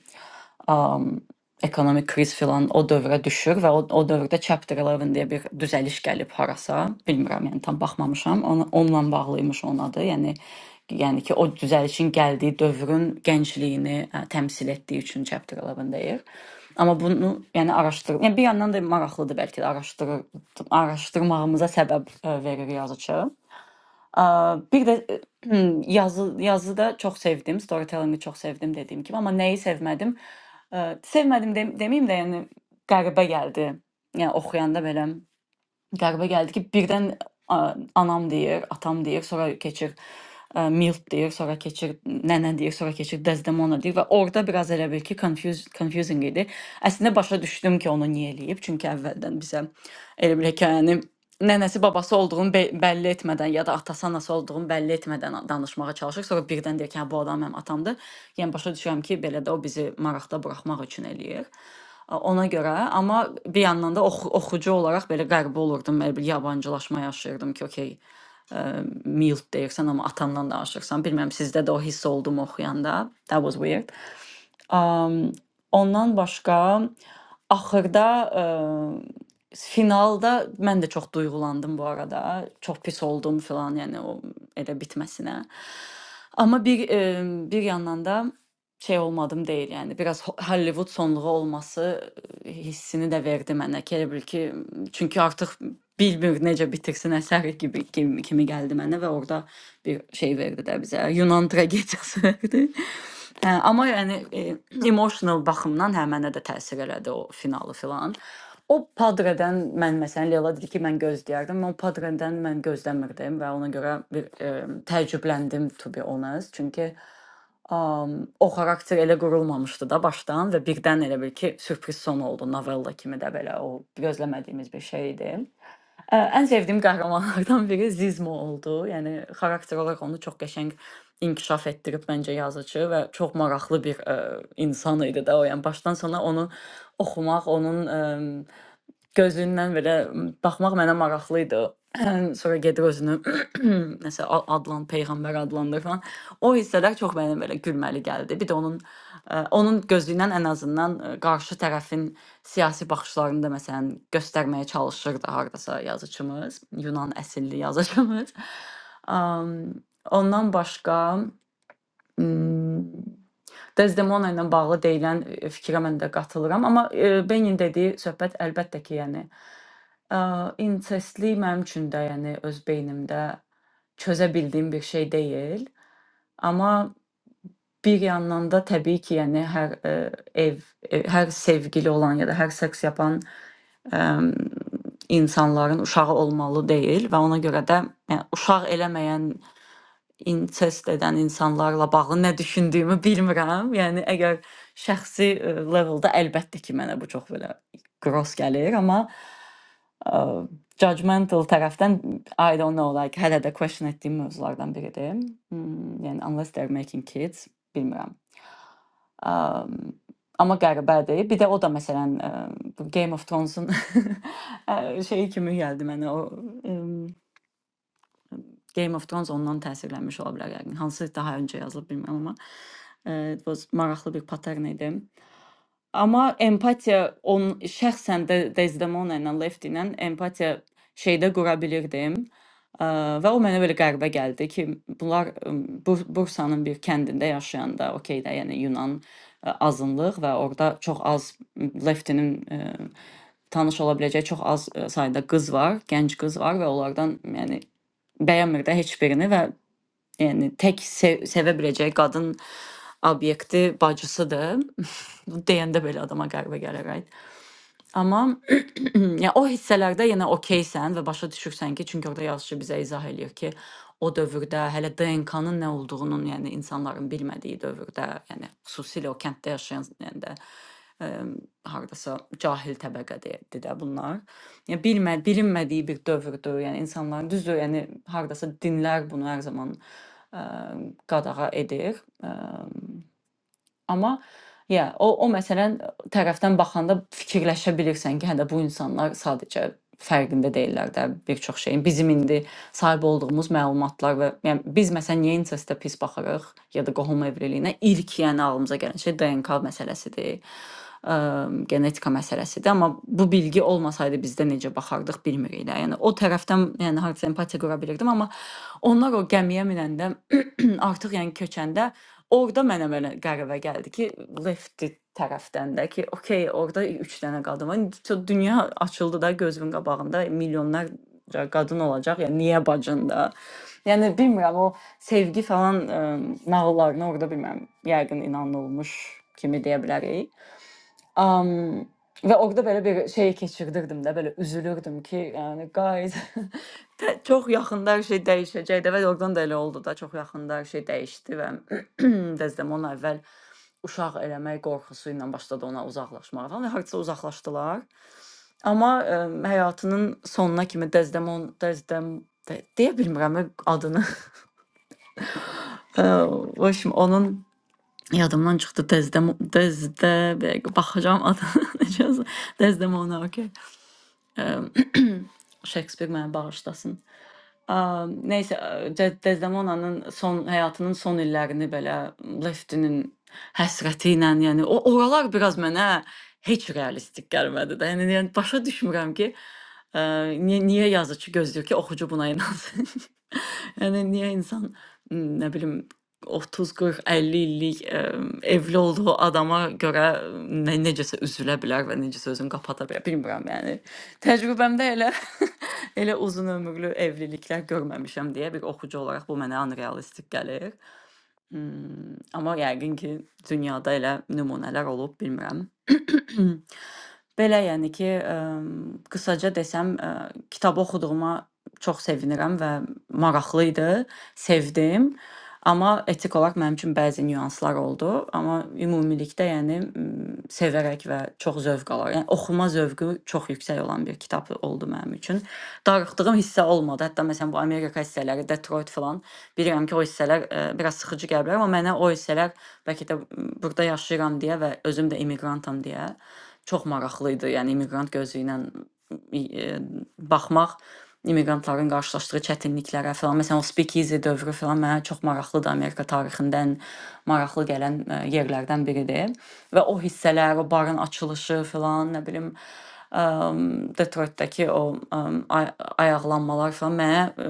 A: am, ekonomik kriz filan o dövrə düşür və o, o dövrdə Chapter 11 deyə bir düzəliş gəlib harasa, bilmirəm, yəni tam baxmamışam. Ona, onunla bağlıymış onun adı. Yəni yəni ki, o düzəlişin gəldiyi dövrün gəncliyini ə, təmsil etdiyi üçün Chapter 11 deyir. Amma bunu yəni araşdır. Yəni bir yandan da maraqlıdır bəlkə də araşdırır, araşdırmağımıza səbəb ə, verir yazıçı. Aa, bir de yazı yazıda çok sevdim. Storytelling'i çok sevdim dediğim gibi ama neyi sevmedim? Ee, sevmedim dem demeyeyim de yani garibə gəldi. Yəni oxuyanda belə garibə gəldi ki, birdən a, anam deyir, atam deyir, sonra keçir ə, Milt deyir, sonra keçir nənə deyir, sonra keçir Desdemona deyir və orada biraz elə bil ki, confuse, confusing idi. Əslində başa düşdüm ki, onu niyə eləyib, çünki əvvəldən bizə elə bir hekayəni nənəsi babası olduğunu be- bəlli etmədən ya da atası anası olduğunu bəlli etmədən danışmağa çalışır. Sonra birdən deyir ki, hə, bu adam mənim atamdır. Yəni başa düşürəm ki, belə də o bizi maraqda buraxmaq üçün eləyir. A, Ona görə, amma bir yandan da oxu oxucu olaraq belə qəribə olurdum, belə bir yabancılaşma yaşayırdım ki, okey, ə, Milt deyirsən, amma atandan danışırsan. Bilmirəm sizdə də o hiss oldu mu oxuyanda? That was weird. Am, ondan başqa axırda, eee, finalda mən də çox duyğulandım bu arada. Çox pis oldum filan, yəni o elə bitməsinə. Amma bir, emm, bir yandan da şey olmadım deyil, yəni biraz ho Hollivud sonluğu olması hissini də verdi mənə. Ki, Elə bil ki, çünki artıq bilmir necə bitirsin əsəri kimi kimi, kimi gəldi mənə və orada bir şey verdi də bizə. Yunan tragediyası verdi. Hə, amma yəni e, emotional baxımdan hə mənə də təsir elədi o finalı filan. O Padre'dən mən məsələn Leyla dedi ki, mən gözləyərdim. Mən o Padre'dən mən gözləmirdim və ona görə bir e, təəccübləndim to be honest. Çünki Am, o xarakter elə qurulmamışdı da başdan və birdən elə bil ki, sürpriz son oldu. Novella kimi də belə o gözləmədiyimiz bir şey idi. Ə, ən sevdiyim qəhrəmanlardan biri Zizmo oldu. Yəni xarakter olaraq onu çox qəşəng inkişaf etdirib məncə yazıcı və çox maraqlı bir ə, insan idi də o. Yəni başdan sona onu oxumaq, onun ə, Gözündən belə baxmaq mənə maraqlı idi. Sonra gedir özünü nəsə a- adlan peyğəmbər adlandır falan. O hissələr çox mənə belə gülməli gəldi. Bir də onun ə, onun gözündən ən azından ə, qarşı tərəfin siyasi baxışlarını da məsələn göstərməyə çalışırdı hardasa yazıçımız, Yunan əsilli yazıçımız. Am, Ondan başqa m, Dezdemona ilə bağlı deyilən e, fikrə mən də qatılıram, amma e, Benin dediyi söhbət əlbəttə ki, yəni ə, incestli mənim üçün də, yəni öz beynimdə çözə bildiyim bir şey deyil, amma bir yandan da təbii ki, yəni hər ə, ev, ə, hər sevgili olan ya da hər seks yapan ə, insanların uşağı olmalı deyil və ona görə də yəni, uşaq eləməyən incest edən insanlarla bağlı nə düşündüyümü bilmirəm. Yəni əgər şəxsi e, leveldə əlbəttə ki, mənə bu çox belə gross gəlir, amma e, judgmental tərəfdən I don't know, like hələ də question etdiyim mövzulardan biridir. Hmm, yəni unless they're making kids, bilmirəm. Um, amma qəribədir. Bir də o da məsələn e, bu Game of Thrones-un e, şeyi kimi gəldi mənə o em, Game of Thrones ondan təsirlənmiş ola bilər yəqin. Hansı daha öncə yazılıb bilmirəm amma e, it was maraqlı bir pattern idi. Amma empatiya on şəxsən də Desdemona ilə Lefty ilə empatiya şeydə qura bilirdim. Ə, Və o mənə belə qəribə gəldi ki, bunlar ım, Bur- Bursanın bir kəndində yaşayanda, okey də, yəni Yunan ə, azınlıq və orada çox az m, Lefty-nin ə, tanış ola biləcəyi çox az ə, sayda qız var, gənc qız var və onlardan yəni bəyənmir də heç birini və Yəni tək sev sevə biləcəyi qadın obyekti bacısıdır. Bu deyəndə belə adama qəribə gəlir, right? Amma ya o hissələrdə yenə okeysən və başa düşürsən ki, çünki orada yazıçı bizə izah eləyir ki, o dövrdə hələ DNK-nın nə olduğunun, yəni insanların bilmədiyi dövrdə, yəni xüsusilə o kənddə yaşayan yəni də ə, hardasa cahil təbəqədir də bunlar. Yəni bilmə, bilinmədiyi bir dövrdür. Yəni insanların düzdür, yəni hardasa dinlər bunu hər zaman ə, qadağa edir. Ə, Amma ya o o məsələn tərəfdən baxanda fikirləşə bilirsən ki, hə də bu insanlar sadəcə fərqində deyillər də bir çox şeyin. Bizim indi sahib olduğumuz məlumatlar və yəni biz məsələn niyə incestə pis baxırıq ya da qohum evliliyinə ilk yəni ağlımıza gələn şey DNK məsələsidir. Ə, genetika məsələsidir, amma bu bilgi olmasaydı bizdə necə baxardıq bilmirik də. Yəni o tərəfdən yəni hardasa empatiya qura bilirdim, amma onlar o gəmiyə minəndə artıq yəni köçəndə orada mənə belə qəribə gəldi ki, lefti tərəfdən də ki, okey, orada 3 dənə qadın var. İndi Çox dünya açıldı da gözümün qabağında milyonlarca qadın olacaq. Yəni niyə bacında? Yəni bilmirəm o sevgi falan ə, nağıllarına orada bilmirəm. Yəqin inanılmış kimi deyə bilərik. Am, ve orada belə bir şey keçirdirdim də, belə üzülürdüm ki, yəni guys, tə- çox yaxında hər şey dəyişəcəkdi və oradan da elə oldu da, çox yaxında hər şey dəyişdi və Dezdemona əvvəl uşaq eləmək qorxusu ilə başladı ona uzaqlaşmağa falan və hardasa uzaqlaşdılar. Amma ə, həyatının sonuna kimi Dezdemon, Dezdem de, deyə bilmirəm ə, adını. Ə, o işim onun Yadımdan çıxdı Dezdem Dezdə bir dəqiqə baxacağım adı necə yazılır. Desdemona, okey. Ehm, Shakespeare məni bağışlasın. Am, nəysə, ə, De Dezdemona'nın son həyatının son illərini belə Leftinin həsrəti ilə, yəni o oralar biraz mənə heç realistik gəlmədi də. Yəni, yəni başa düşmürəm ki, ə, niyə, niyə yazıçı gözləyir ki, oxucu buna inansın? yəni niyə insan m, nə bilim 30, 40, 50 illik ə, evli olduğu adama görə nə, necəsə üzülə bilər və necəsə özünü qapata bilər. Bilmirəm, yəni təcrübəmdə elə Elə uzun ömürlü evliliklər görməmişəm deyə bir oxucu olaraq bu mənə unrealistik gəlir. Hmm, amma yəqin ki, dünyada elə nümunələr olub, bilmirəm. Belə yəni ki, ə, qısaca desəm, ə, kitabı oxuduğuma çox sevinirəm və maraqlı idi, sevdim. Amma etik olaraq mənim üçün bəzi nüanslar oldu, amma ümumilikdə yəni m, sevərək və çox zövq alaraq, yəni oxuma zövqü çox yüksək olan bir kitab oldu mənim üçün darıxdığım hissə olmadı. Hətta məsələn bu Amerika hissələri, Detroit filan bilirəm ki, o hissələr e, biraz sıxıcı gələ bilər, amma mənə o hissələr bəlkə də m, burada yaşayıram deyə və özüm də immiqrantam deyə çox maraqlı idi. Yəni immiqrant gözü ilə e, baxmaq immiqrantların qarşılaşdığı çətinliklərə falan. Məsələn, o Speakeasy dövrü falan mənə çox maraqlıdır. Amerika tarixindən maraqlı gələn ə, yerlərdən biridir. Və o hissələr, o barın açılışı falan, nə bilim, ə, Detroitdəki o ə, ay ayaqlanmalar falan mənə ə,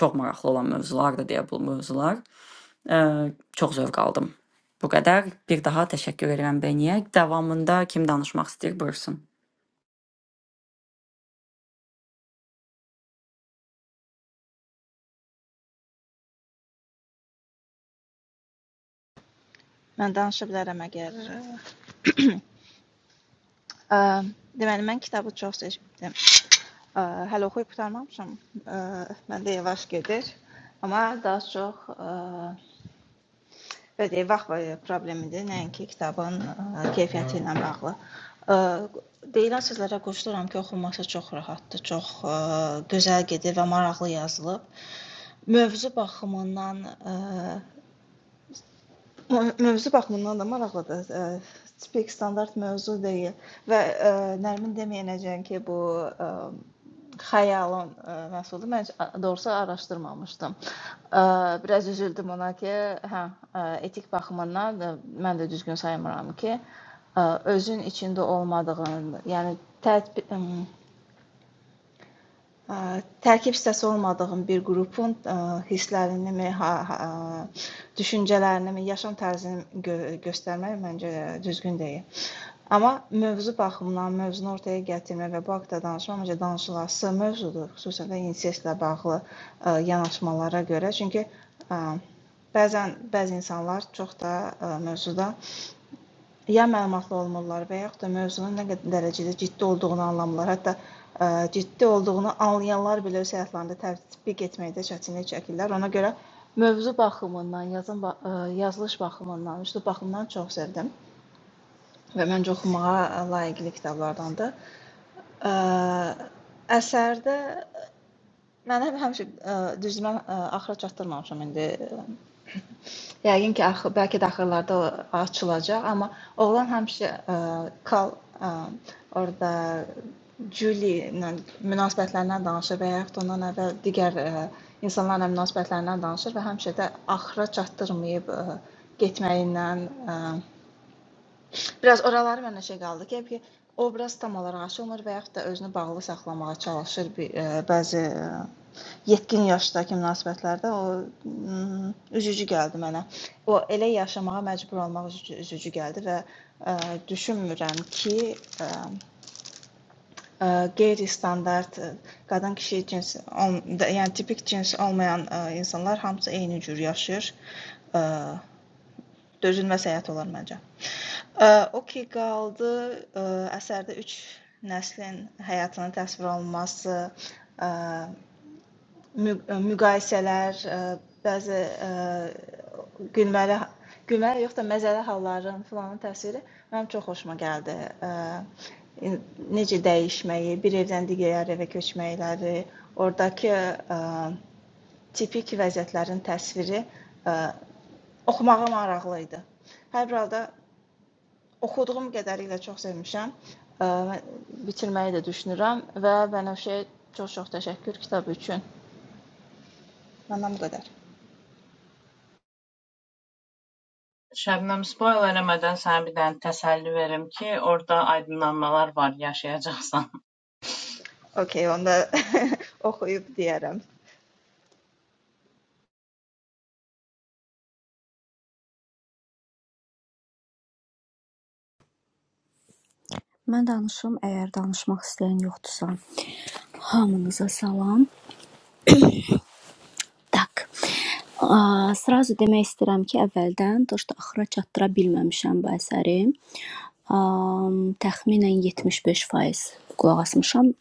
A: çox maraqlı olan mövzulardır deyə bu mövzular. Ə, çox zövq aldım. Bu qədər. Bir daha təşəkkür edirəm Beniyə. Davamında kim danışmaq istəyir, buyursun.
E: Mən danışa bilərəm əgər. Ə, deməli mən kitabı çox seçmişdim. Ə, hələ oxuyub qurtarmamışam. Ə, məndə yavaş gedir. Amma daha çox ə, belə deyək, vaxt var- problemidir, nəinki kitabın ə, keyfiyyəti ilə bağlı. Ə, deyilən sözlərə qoşuluram ki, oxunması çox rahatdır, çox ə, gözəl gedir və maraqlı yazılıb. Mövzu baxımından ə, Mö mövzu baxımından da maraqlıdır. Eee, tipik standart mövzu deyil və, eee, Nərmin deməyənəcən ki, bu, eee, xəyalın, eee, məhsuludur. Mən heç doğrusu araşdırmamışdım. Eee, biraz üzüldüm ona ki, hə, eee, etik baxımından da mən də düzgün saymıram ki, eee, özün içində olmadığın, yəni tətbiq ım Ə, tərkib hissəsi olmadığım bir qrupun ə, hisslərinimi, ha, ha, düşüncələrinimi, yaşam tərzini gö göstərmək məncə düzgün deyil. Amma mövzu baxımından mövzunu ortaya gətirmək və bu haqda danışmaq məncə danışılası mövzudur, xüsusən də incestlə bağlı ə, yanaşmalara görə. Çünki ə, bəzən bəzi insanlar çox da ə, mövzuda ya məlumatlı olmurlar və yaxud da mövzunun nə qədər dərəcədə ciddi olduğunu anlamırlar. Hətta ə, ciddi olduğunu anlayanlar belə öz həyatlarında tətbiq etməkdə çətinlik çəkirlər. Ona görə mövzu baxımından, yazın ba- ə, yazılış baxımından, üslub baxımından çox sevdim və məncə oxumağa ə, layiqli kitablardandır. Ə, əsərdə mən həm həmişə ə, düzmə ə, axıra çatdırmamışam indi Yəqin ki, axı, bəlkə də axırlarda açılacaq, amma oğlan həmişə ə, kal ə, orada Julie ilə münasibətlərindən danışır və yaxud ondan əvvəl digər ə, insanlarla münasibətlərindən danışır və həmişə də axıra çatdırmayıb ə, getməyindən. ə, Biraz oraları mənə şey qaldı ki, ki o biraz tam olaraq aşılmır və yaxud da özünü bağlı saxlamağa çalışır bir e, bəzi e, yetkin yaşdakı münasibətlərdə o mm, üzücü gəldi mənə. O elə yaşamağa məcbur olmaq üzücü, üzücü gəldi və e, düşünmürəm ki, e, e, qeyri-standart e, qadın kişi cins, ol- də- yəni tipik cins olmayan e, insanlar hamısı eyni cür yaşayır. E, dözülməz həyat olar məncə. Ə, O ki qaldı, ə, əsərdə üç nəslin həyatının təsvir olunması, ə, mü- ə, müqayisələr, ə, bəzi ə, gülməli gülməli yox da məzəli halların filanın təsviri mənim çox xoşuma gəldi. Ə, in- Necə dəyişməyi, bir evdən digər evə köçməkləri, ordakı ə, tipik vəziyyətlərin təsviri ə, oxumağa maraqlı idi. Hər bir halda Oxuduğum qədərilə çox sevmişəm. Ə, Bitirməyi də düşünürəm və Bənövşəyə çox-çox təşəkkür kitab üçün. Məndən bu qədər.
B: Şəbnəm, spoiler eləmədən sənə bir dənə təsəlli verim ki, orada aydınlanmalar var, yaşayacaqsan.
E: Okay, onda oxuyub deyərəm.
D: Mən danışım, əgər danışmaq istəyən yoxdursa, hamınıza salam. Tak. A, Сразу demək istəyirəm ki, əvvəldən dost axıra çatdıra bilməmişəm bu əsəri. A, təxminən 75% qulaq asmışam.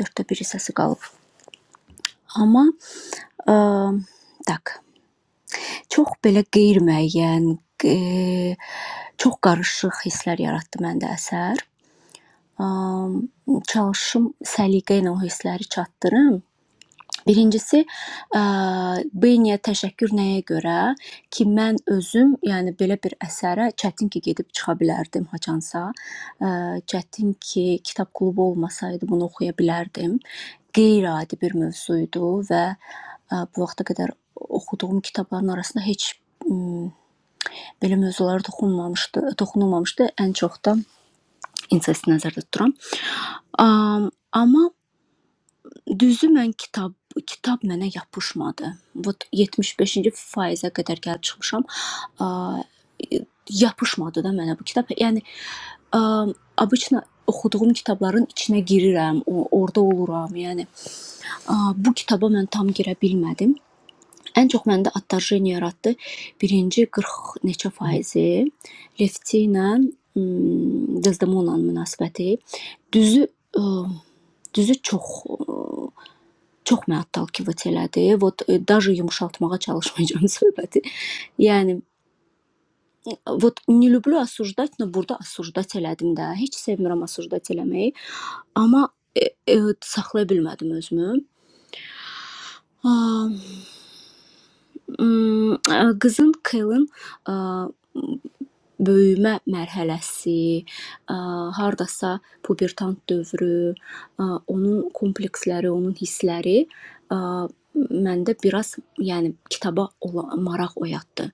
D: 4-də 1 hissəsi qalıb. Amma ə, tak. Çox belə qeyri-müəyyən, ə, çox qarışıq hisslər yaratdı məndə əsər. Am, çalışım səliqə ilə o hissləri çatdırım. Birincisi, ə, Beyniyə təşəkkür nəyə görə ki, mən özüm, yəni belə bir əsərə çətin ki, gedib çıxa bilərdim haçansa. Ə, çətin ki, kitab klubu olmasaydı bunu oxuya bilərdim. Qeyri-adi bir mövzu idi və ə, bu vaxta qədər oxuduğum kitabların arasında heç m, belə mövzulara toxunmamışdı, toxunulmamışdı. Ən çox da incesti nəzərdə tuturam. Am, amma düzü mən kitab kitab mənə yapışmadı. Vot 75-ci faizə qədər gəlib çıxmışam. A, e, yapışmadı da mənə bu kitab. Yəni am, obычно oxuduğum kitabların içinə girirəm, o- orada oluram. Yəni a, bu kitaba mən tam girə bilmədim. Ən çox məndə attajeniya yaratdı. Birinci 40 neçə faizi Lefti ilə Dezdemona'nın münasibəti. Düzü ə, Düzü çox ə, çox məni отталкивать elədi. Вот ə, даже yumşaltmağa çalışmayacağam söhbəti. Yəni вот не люблю осуждать, но burada осуждать elədim də. Heç sevmirəm осуждать eləməyi, amma ə, ə, saxlaya bilmədim özümü. Ha, ım, ə, qızın Kelin böyümə mərhələsi, hardasa pubertant dövrü, onun kompleksləri, onun hissləri məndə biraz, yəni kitaba olan maraq oyatdı.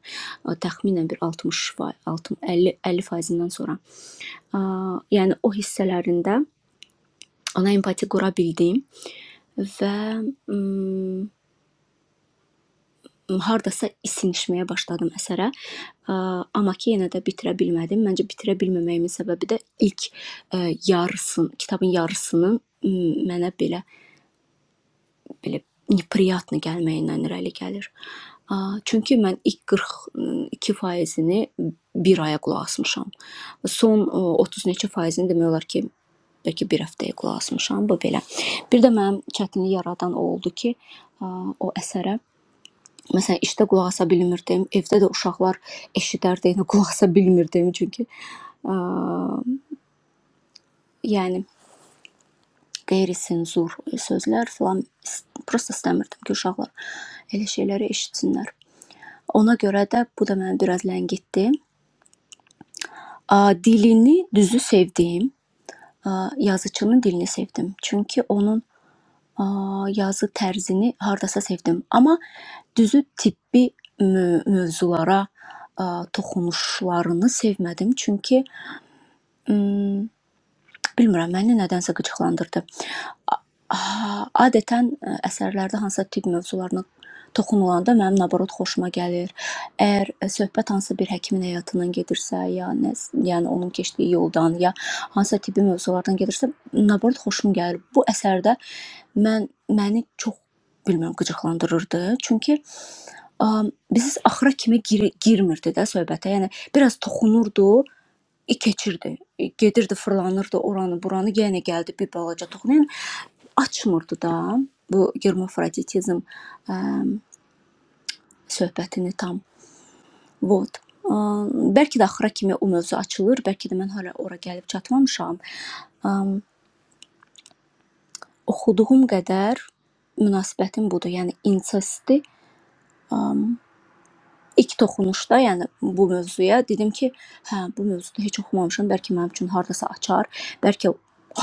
D: Təxminən bir 60 fa- 60 50 50%-dən sonra. Yəni o hissələrində ana empatiya qura bildim və mm, hardasa isinişməyə başladım əsərə. Ə, Amma ki, yenə də bitirə bilmədim. Məncə bitirə bilməməyimin səbəbi də ilk ə, yarısın, kitabın yarısının m, mənə belə belə неприятно gəlməyindən irəli gəlir. Ə, Çünki mən ilk 42%-ni bir aya qulaq asmışam. Son ə, 30 neçə faizini demək olar ki, bəlkə bir həftəyə qulaq asmışam bu belə. Bir də mənim çətinlik yaradan o oldu ki, ə, o əsərə Məsələn, işdə qulaq asa bilmirdim, evdə də uşaqlar eşidərdi, yəni qulaq asa bilmirdim çünki ə, yəni qeyri-senzur sözlər filan ist- prosta istəmirdim ki, uşaqlar elə şeyləri eşitsinlər. Ona görə də bu da mənə biraz ləngitdi. Ə, Dilini düzü sevdim. Ə, Yazıçının dilini sevdim. Çünki onun Aaa, yazı tərzini hardasa sevdim, amma düzü tibbi mö mövzulara, aaa, toxunuşlarını sevmədim, çünki, ımm Bilmirəm, məni nədənsə qıcıqlandırdı. A- a- Adətən ə, əsərlərdə hansısa tibb mövzularına toxunulanda mənim naborot xoşuma gəlir. Əgər ə, söhbət hansısa bir həkimin həyatından gedirsə, ya nə, yəni onun keçdiyi yoldan, ya hansısa tibbi mövzulardan gedirsə, naborot xoşum gəlir. Bu əsərdə mən məni çox bilmirəm qıcıqlandırırdı. Çünki Am, Biz axıra kimi gir girmirdi də söhbətə. Yəni biraz toxunurdu, i keçirdi. E, Gedirdi, fırlanırdı oranı, buranı, yenə gəldi bir balaca toxunu. Yəni açmırdı da bu germafroditizm ə, söhbətini tam. Vot. Ə, Bəlkə də axıra kimi o mövzu açılır, bəlkə də mən hələ ora gəlib çatmamışam. Ə, oxuduğum qədər münasibətim budur. Yəni insisti İlk toxunuşda, yəni bu mövzuya dedim ki, hə, bu mövzuda heç oxumamışam, bəlkə mənim üçün hardasa açar, bəlkə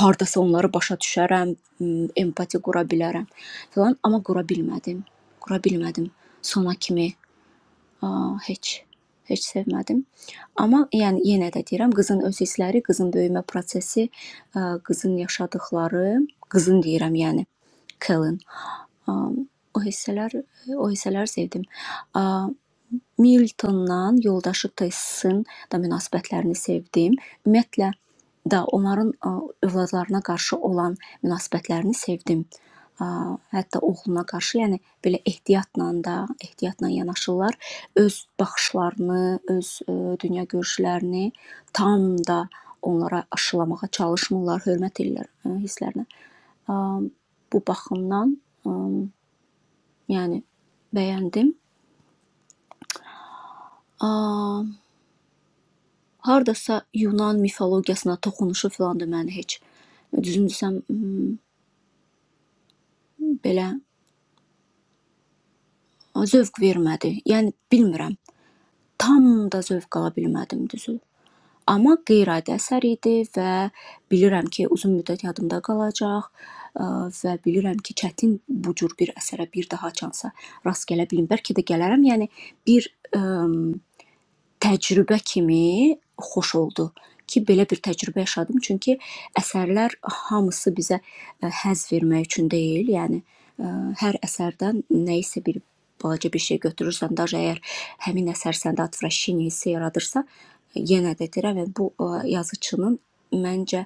D: hardasa onları başa düşərəm, m, empati qura bilərəm filan, amma qura bilmədim. Qura bilmədim. Sona kimi a, heç heç sevmədim. Amma yəni yenə də deyirəm, qızın öz hissləri, qızın böyümə prosesi, ə, qızın yaşadıkları, qızın deyirəm, yəni Kellen. O hissələr, o hissələr sevdim. Ə, Miltonla, yoldaşı Tessin də münasibətlərini sevdim. Ümumiyyətlə də onların ə, övladlarına qarşı olan münasibətlərini sevdim. A, Hətta oğluna qarşı, yəni belə ehtiyatla da, ehtiyatla yanaşırlar. Öz baxışlarını, öz ə, dünyagörüşlərini tam da onlara aşılamağa çalışmırlar, hörmət edirlər ə, hisslərinə. A, Bu baxımdan ə, yəni bəyəndim. A, Hardasa Yunan mifologiyasına toxunuşu filan da məni heç düzünü desəm m, belə zövq vermədi. Yəni bilmirəm, tam da zövq ala bilmədim düzü. Amma qeyri-adi əsər idi və bilirəm ki, uzun müddət yadımda qalacaq ə, və bilirəm ki, çətin bu cür bir əsərə bir daha çansa rast gələ bilim. Bəlkə də gələrəm. Yəni bir ə, təcrübə kimi xoş oldu ki, belə bir təcrübə yaşadım, çünki əsərlər hamısı bizə ə, həzz vermək üçün deyil, yəni ə, hər əsərdən nə isə bir balaca bir şey götürürsən, daha əgər həmin əsər səndə atvrashini hissi yaradırsa, e, yenə də deyirəm, yəni, bu ə, yazıçının məncə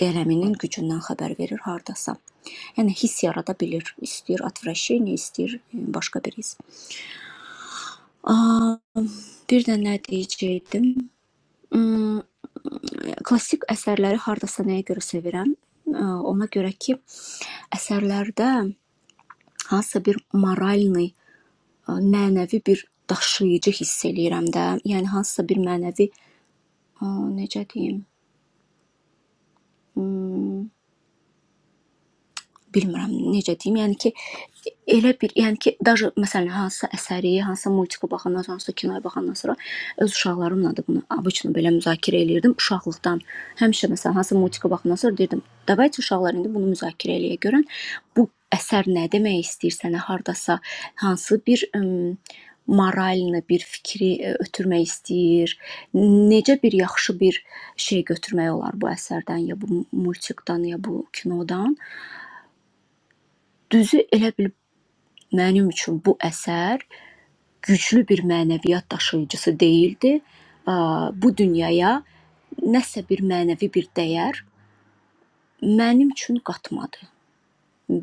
D: qələminin gücündən xəbər verir hardasa. Yəni hiss yarada bilir, istəyir atvrashini, istəyir ə, başqa bir his. Aa, bir də nə deyəcəydim? Mm, Klassik əsərləri hardasa nəyə görə sevirəm? Ə, Ona görə ki, əsərlərdə hansısa bir moralni, ə, mənəvi bir daşıyıcı hiss eləyirəm də. Yəni hansısa bir mənəvi, ə, necə deyim, ım, bilmirəm necə deyim. Yəni ki, elə bir, yəni ki, daha məsələn hansısa əsəri, hansısa multiku baxandan sonra, hansısa kinoya baxandan sonra öz uşaqlarımla da bunu abıçını belə müzakirə eləyirdim uşaqlıqdan. Həmişə məsələn hansısa multiku baxandan sonra deyirdim, "Davayçı uşaqlar indi bunu müzakirə eləyə görən bu əsər nə demək istəyir sənə hardasa hansı bir ım, moralını, bir fikri ə, ötürmək istəyir. Necə bir yaxşı bir şey götürmək olar bu əsərdən ya bu multikdan ya bu kinodan?" Düzü elə bil mənim üçün bu əsər güclü bir mənəviyyat daşıyıcısı deyildi. A, Bu dünyaya nəsə bir mənəvi bir dəyər mənim üçün qatmadı.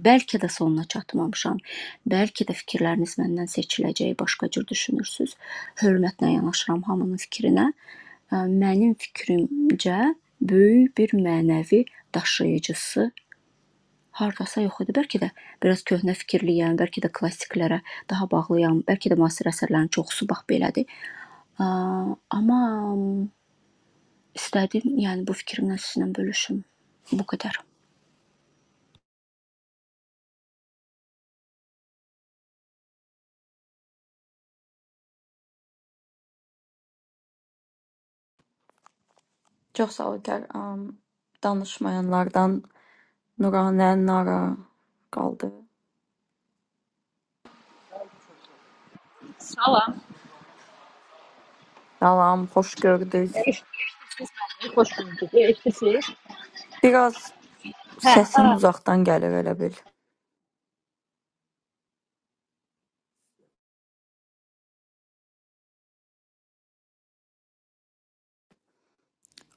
D: Bəlkə də sonuna çatmamışam. Bəlkə də fikirləriniz məndən seçiləcəyi başqa cür düşünürsüz. Hörmətlə yanaşıram hamının fikrinə. Ə, Mənim fikrimcə böyük bir mənəvi daşıyıcısı Hardasa yox idi. Bəlkə də biraz köhnə fikirliyəm, bəlkə də klassiklərə daha bağlıyam, bəlkə də müasir əsərlərin çoxusu bax belədir. A- Amma istədim, yəni bu fikrimlə sizinlə bölüşüm. Bu qədər.
A: Çox səliqəli am, danışmayanlardan Nuranə Nara qaldı.
F: Salam.
A: Salam, xoş gördük.
F: Siz mənim xoş gördük. Elektrik.
A: Biraz
F: Hə.
A: səsin uzaqdan gəlir elə bil.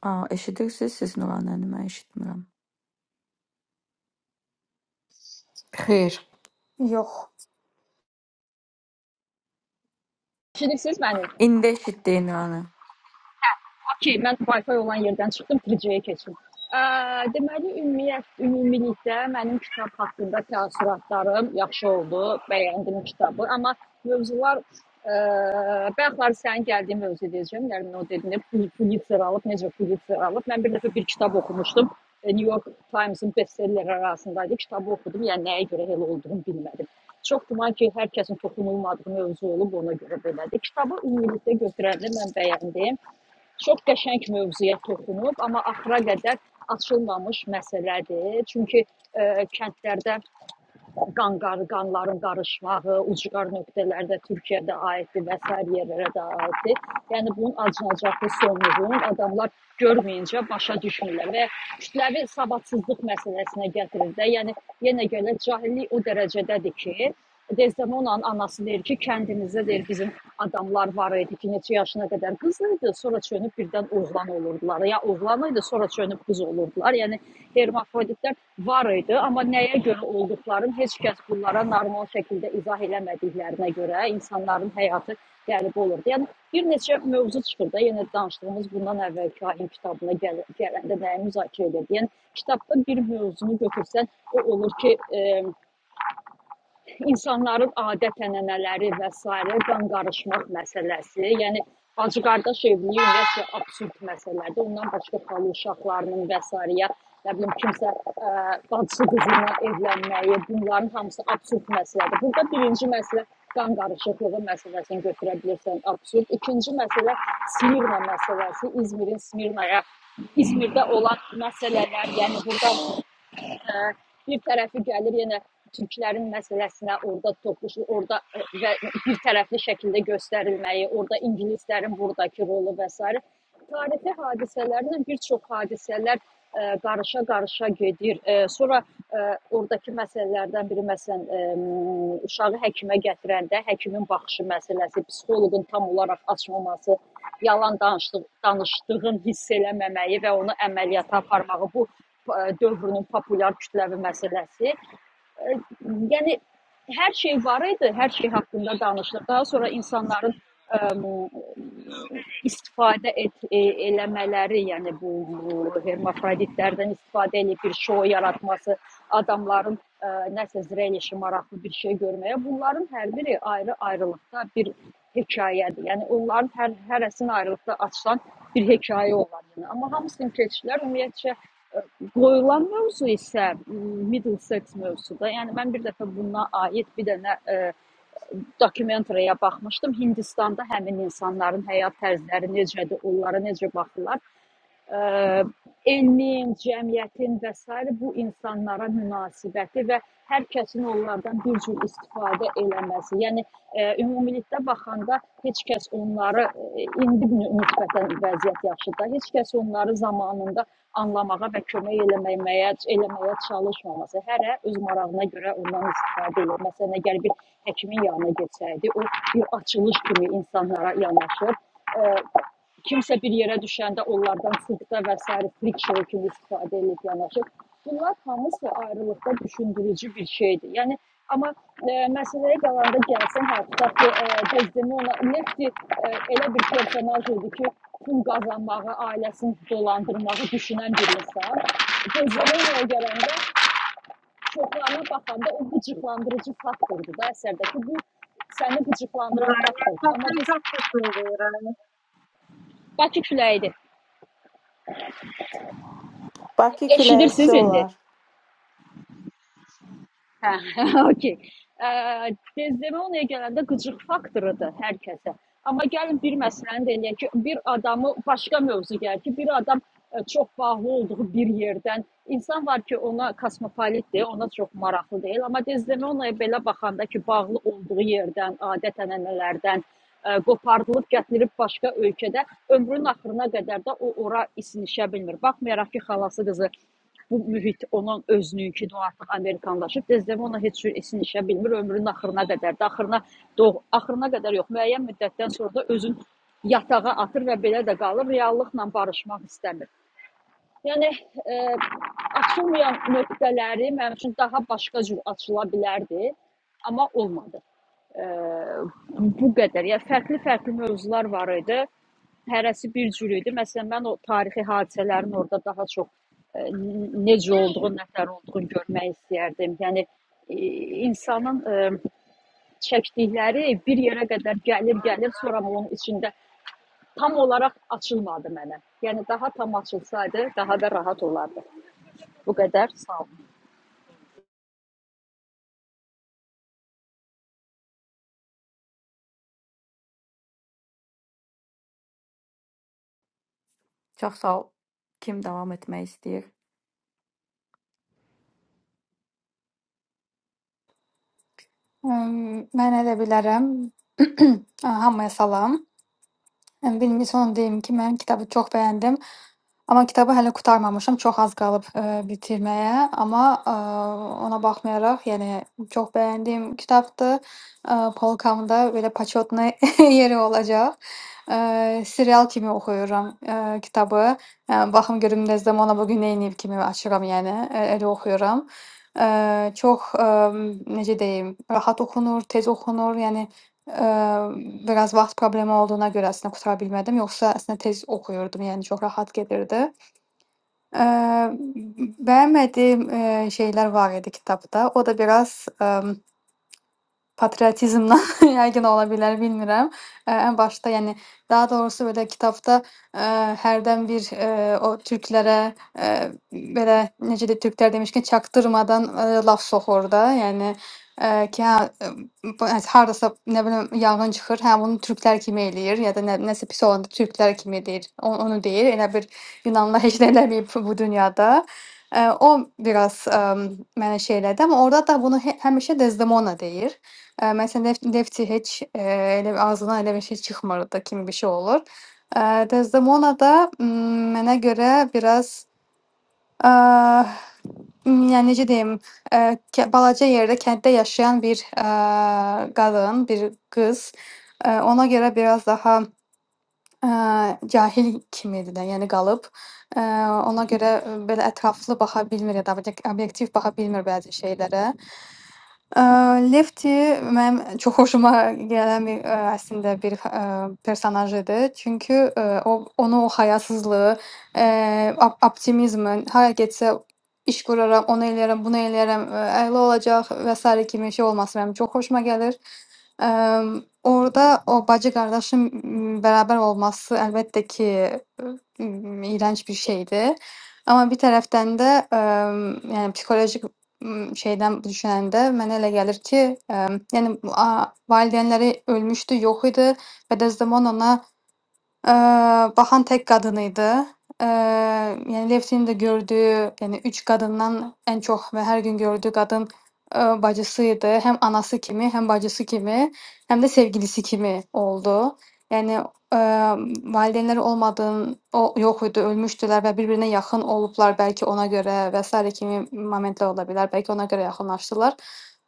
A: A, eşidirsiniz siz Nuranəni? Mən eşitmirəm.
C: Xeyr.
G: Yox,
F: Şiriksiz mənim.
A: İndi eşitdik Nuranə.
F: Okey, mən Wi-Fi olan yerdən çıxdım, 3G-yə keçdim. Ə, deməli, ümumiyyət, ümumilikdə mənim kitab haqqında təəssüratlarım yaxşı oldu, bəyəndim kitabı, amma mövzular ə, bəxtlar sənin gəldiyin mövzu deyəcəm. Yəni o dedin, Pulitzer alıb, necə Pulitzer alıb. Mən bir dəfə bir kitab oxumuşdum. e, New York Times-ın bestselleri arasındaydı. Kitabı oxudum, yəni nəyə görə elə olduğunu bilmədim. Çox güman ki, hər kəsin toxunulmadığı mövzu olub, ona görə belədir. Kitabı ümumilikdə götürəndə mən bəyəndim. Çox qəşəng mövzuya toxunub, amma axıra qədər açılmamış məsələdir. Çünki ə, kəndlərdə qanqarı, qanların qarışmağı, ucqar nöqtələrdə Türkiyədə aiddir və sair yerlərə də aiddir. Yəni bunun acınacaqlı sonluğunu adamlar görməyincə başa düşmürlər və kütləvi savadsızlıq məsələsinə gətirir də. Yəni yenə gələ cahillik o dərəcədədir ki, Dezdemonanın anası deyir ki, kəndimizdə deyir bizim adamlar var idi ki, neçə yaşına qədər qız idi, sonra çönüb birdən oğlan olurdular. Ya oğlan idi, sonra çönüb qız olurdular. Yəni hermafroditlər var idi, amma nəyə görə olduqlarını heç kəs bunlara normal şəkildə izah eləmədiklərinə görə insanların həyatı qəribə olurdu. Yəni bir neçə mövzu çıxır da, yenə danışdığımız bundan əvvəl kahin kitabına gəl gələndə nəyi müzakirə edirdi. Yəni kitabda bir mövzunu götürsən, o olur ki, e insanların adət-ənənələri və sairə qan qarışmaq məsələsi, yəni bacı-qardaş evliliyi ümumiyyətlə absurd məsələdir. Ondan başqa xalı uşaqlarının və sairəyə nə bilim kimsə ə, bacısı qızına evlənməyi, bunların hamısı absurd məsələdir. Burada birinci məsələ qan qarışıqlığı məsələsini götürə bilirsən, absurd. İkinci məsələ Smirna məsələsi, İzmirin Smirnaya İzmirdə olan məsələlər, yəni burada hə, bir tərəfi gəlir yenə türklərin məsələsinə, orada toxuşu, orada ə, və bir tərəfli şəkildə göstərilməyi, orada ingilislərin burdakı rolu və s. tarixi hadisələrlə bir çox hadisələr ə, qarışa-qarışa gedir. Ə, Sonra ə, oradakı məsələlərdən biri məsələn ə, m, uşağı həkimə gətirəndə həkimin baxışı məsələsi, psixoloqun tam olaraq açmaması, yalan danışdıq, danışdığın hiss eləməməyi və onu əməliyyata aparmağı bu dövrünün populyar kütləvi məsələsi. E, Yəni hər şey var idi, hər şey haqqında danışılır. Daha sonra insanların ə, istifadə et, e, eləmələri, yəni bu, bu hermafroditlərdən istifadə edib bir şou yaratması, adamların ə, nəsə zrelişi maraqlı bir şey görməyə, bunların hər biri ayrı-ayrılıqda bir hekayədir. Yəni onların hər hərəsinin ayrılıqda açılan bir hekayə olar yəni. Amma hamısının keçişlər ümumiyyətcə Qoyulan mövzu isə Middlesex mövzusudur. Yəni mən bir dəfə buna aid bir dənə e, dokumentariyaya baxmışdım. Hindistanda həmin insanların həyat tərzləri necədir, onlara necə baxırlar. Ə, elmin, cəmiyyətin və sair bu insanlara münasibəti və hər kəsin onlardan bir cür istifadə eləməsi. Yəni ə, ümumilikdə baxanda heç kəs onları ə, indi nü- nisbətən vəziyyət yaxşıdır. Heç kəs onları zamanında anlamağa və kömək eləməyə eləməyə çalışmaması. Hərə öz marağına görə ondan istifadə edir. Məsələn, əgər bir həkimin yanına getsəydi, o bir açılış kimi insanlara yanaşır Kimsə bir yerə düşəndə onlardan sığda və sair friction kimi istifadə edib yanaşır. Bunlar hamısı ayrılıqda düşündürücü bir şeydir. Yəni amma e, məsələyə qalanda gəlsin hətta ki, e, Desdemona Nefti e, elə bir personaj idi ki, pul qazanmağı, ailəsini dolandırmağı düşünən bir insan. Desdemona'ya gələndə çoxlarına baxanda o qıcıqlandırıcı faktordur da əsərdəki bu səni qıcıqlandıran faktordur. Amma
B: Təsəlli
F: biz
B: tapmışsınız
F: Bakı küləyidir.
C: Bakı küləyici
F: Eşidirsiniz indi?
C: olar.
F: Hə, okey. Eee, Dezdemoniya gələndə qıcıq faktorudur hər kəsə. Amma gəlin bir məsələni də eləyək ki, bir adamı başqa mövzu gəlir ki, bir adam ə, çox bağlı olduğu bir yerdən insan var ki, ona kosmopolitdir, ona çox maraqlı deyil, amma Dezdemoniyaya belə baxanda ki, bağlı olduğu yerdən, adət-ənənələrdən ə, qopardılıb gətirilib başqa ölkədə ömrünün axırına qədər də o ora isinişə bilmir. Baxmayaraq ki, xalası qızı bu mühit onun özününküdür, o artıq amerikanlaşıb. Dezdemona heç cür esinişə bilmir ömrünün axırına qədər. də, Axırına doğ, axırına qədər yox, müəyyən müddətdən sonra da özün yatağa atır və belə də qalır, reallıqla barışmaq istəmir. Yəni e, açılmayan nöqtələri mənim üçün daha başqa cür açıla bilərdi, amma olmadı. E, bu qədər. Yəni fərqli-fərqli mövzular var idi hərəsi bir cür idi. Məsələn, mən o tarixi hadisələrin orada daha çox ə, necə olduğunu, nətər olduğunu görmək istəyərdim. Yəni ə, insanın ə, çəkdikləri bir yerə qədər gəlir, gəlir, sonra onun içində tam olaraq açılmadı mənə. Yəni daha tam açılsaydı, daha da rahat olardı. Bu qədər. Sağ ol.
A: Çox sağ ol. Kim davam etmək istəyir?
G: ım, mən elə bilərəm. Hamıya salam. Birinci onu deyim ki, mən kitabı çox bəyəndim. Amma kitabı hələ qurtarmamışam, çox az qalıb, eee, bitirməyə, amma, eee, ona baxmayaraq, yəni çox bəyəndiyim kitabdır. Eee, polkamda belə почётный yeri olacaq. Eee, serial kimi oxuyuram, eee, kitabı. Eee, baxım görüm Dezdemona bu gün neyniyib kimi açıram, yəni, e elə oxuyuram. Eee, çox, emm, necə deyim, rahat oxunur, tez oxunur, yəni, eee, biraz vaxt problemi olduğuna görə əslində qurtara bilmədim, yoxsa əslində tez oxuyurdum, yəni çox rahat gedirdi. Eee, beğenmediğim, eee, şeyler var idi kitapta. O da biraz, emm Patriotizmdən yəqin ola bilər, bilmirəm. Ə, ən başda, yəni daha doğrusu belə kitabda, ə, hərdən bir, eee, o türklərə, eee, belə necə deyim, türklər demişkən çaktırmadan, eee, laf soxur da. Yəni, eee, ki, hə, ımm, b hardasa, nə bilim, yanğın çıxır, hə, bunu türklər kimi eləyir ya da nə nəsə pis olanda türklər kimi deyir, o onu deyir. Elə bir yunanlılar heç nə eləməyib bu dünyada. Eee, o biraz, ımm, mənə şey elədi, amma orada da bunu hə həmişə Desdemona deyir. Eee, mesela Lef Lefty hiç, eee, elə ağzından elə bir şey çıxmırdı kimi bir şey olur. Eee, Desdemona da, ımm, mənə görə biraz, eee, ımm, yəni, necə deyim, eee, kə balaca yerdə, kənddə yaşayan bir, eee, qadın, bir qız. Eee, ona görə biraz daha, eee, cahil kimidir də, yəni qalıb. Eee, ona görə, ııı, belə ətraflı baxa bilmir ya da obyek obyektiv baxa bilmir bəzi şeylərə. Aaa, Lefty mənim çox hoşuma gələn bir, eee, əslində bir, eee, personaj idi. Çünki, eee, o onu o hayasızlığı, eee, op optimizmin, hara getsə iş quraram, onu eləyərəm, bunu eləyərəm, eee, əla olacaq və sairə kimi şey olması mənim çox xoşuma gəlir. Emm, orda o bacı-qardaşın m bərabər olması əlbəttə ki, imm, iyrənc bir şeydir. Amma bir tərəfdən də, emm, yəni psixoloji Imm, şeyden düşünəndə mənə elə gəlir ki, əm, yəni a valideynləri ölmüşdü, yox idi və də zaman ona. Eee, Bahan tek kadınıydı. Eee, yani Levtin'in de gördüğü, yani 3 kadından en çok ve her gün gördüğü kadın eee, bacısıydı. Hem anası kimi, hem bacısı kimi, hem de sevgilisi kimi oldu. Yani eee valideynleri olmadığın o yok idi, ölmüştüler ve birbirine yakın olublar belki ona göre vesaire kimi momentler olabilir. Belki ona göre yaxınlaşdılar.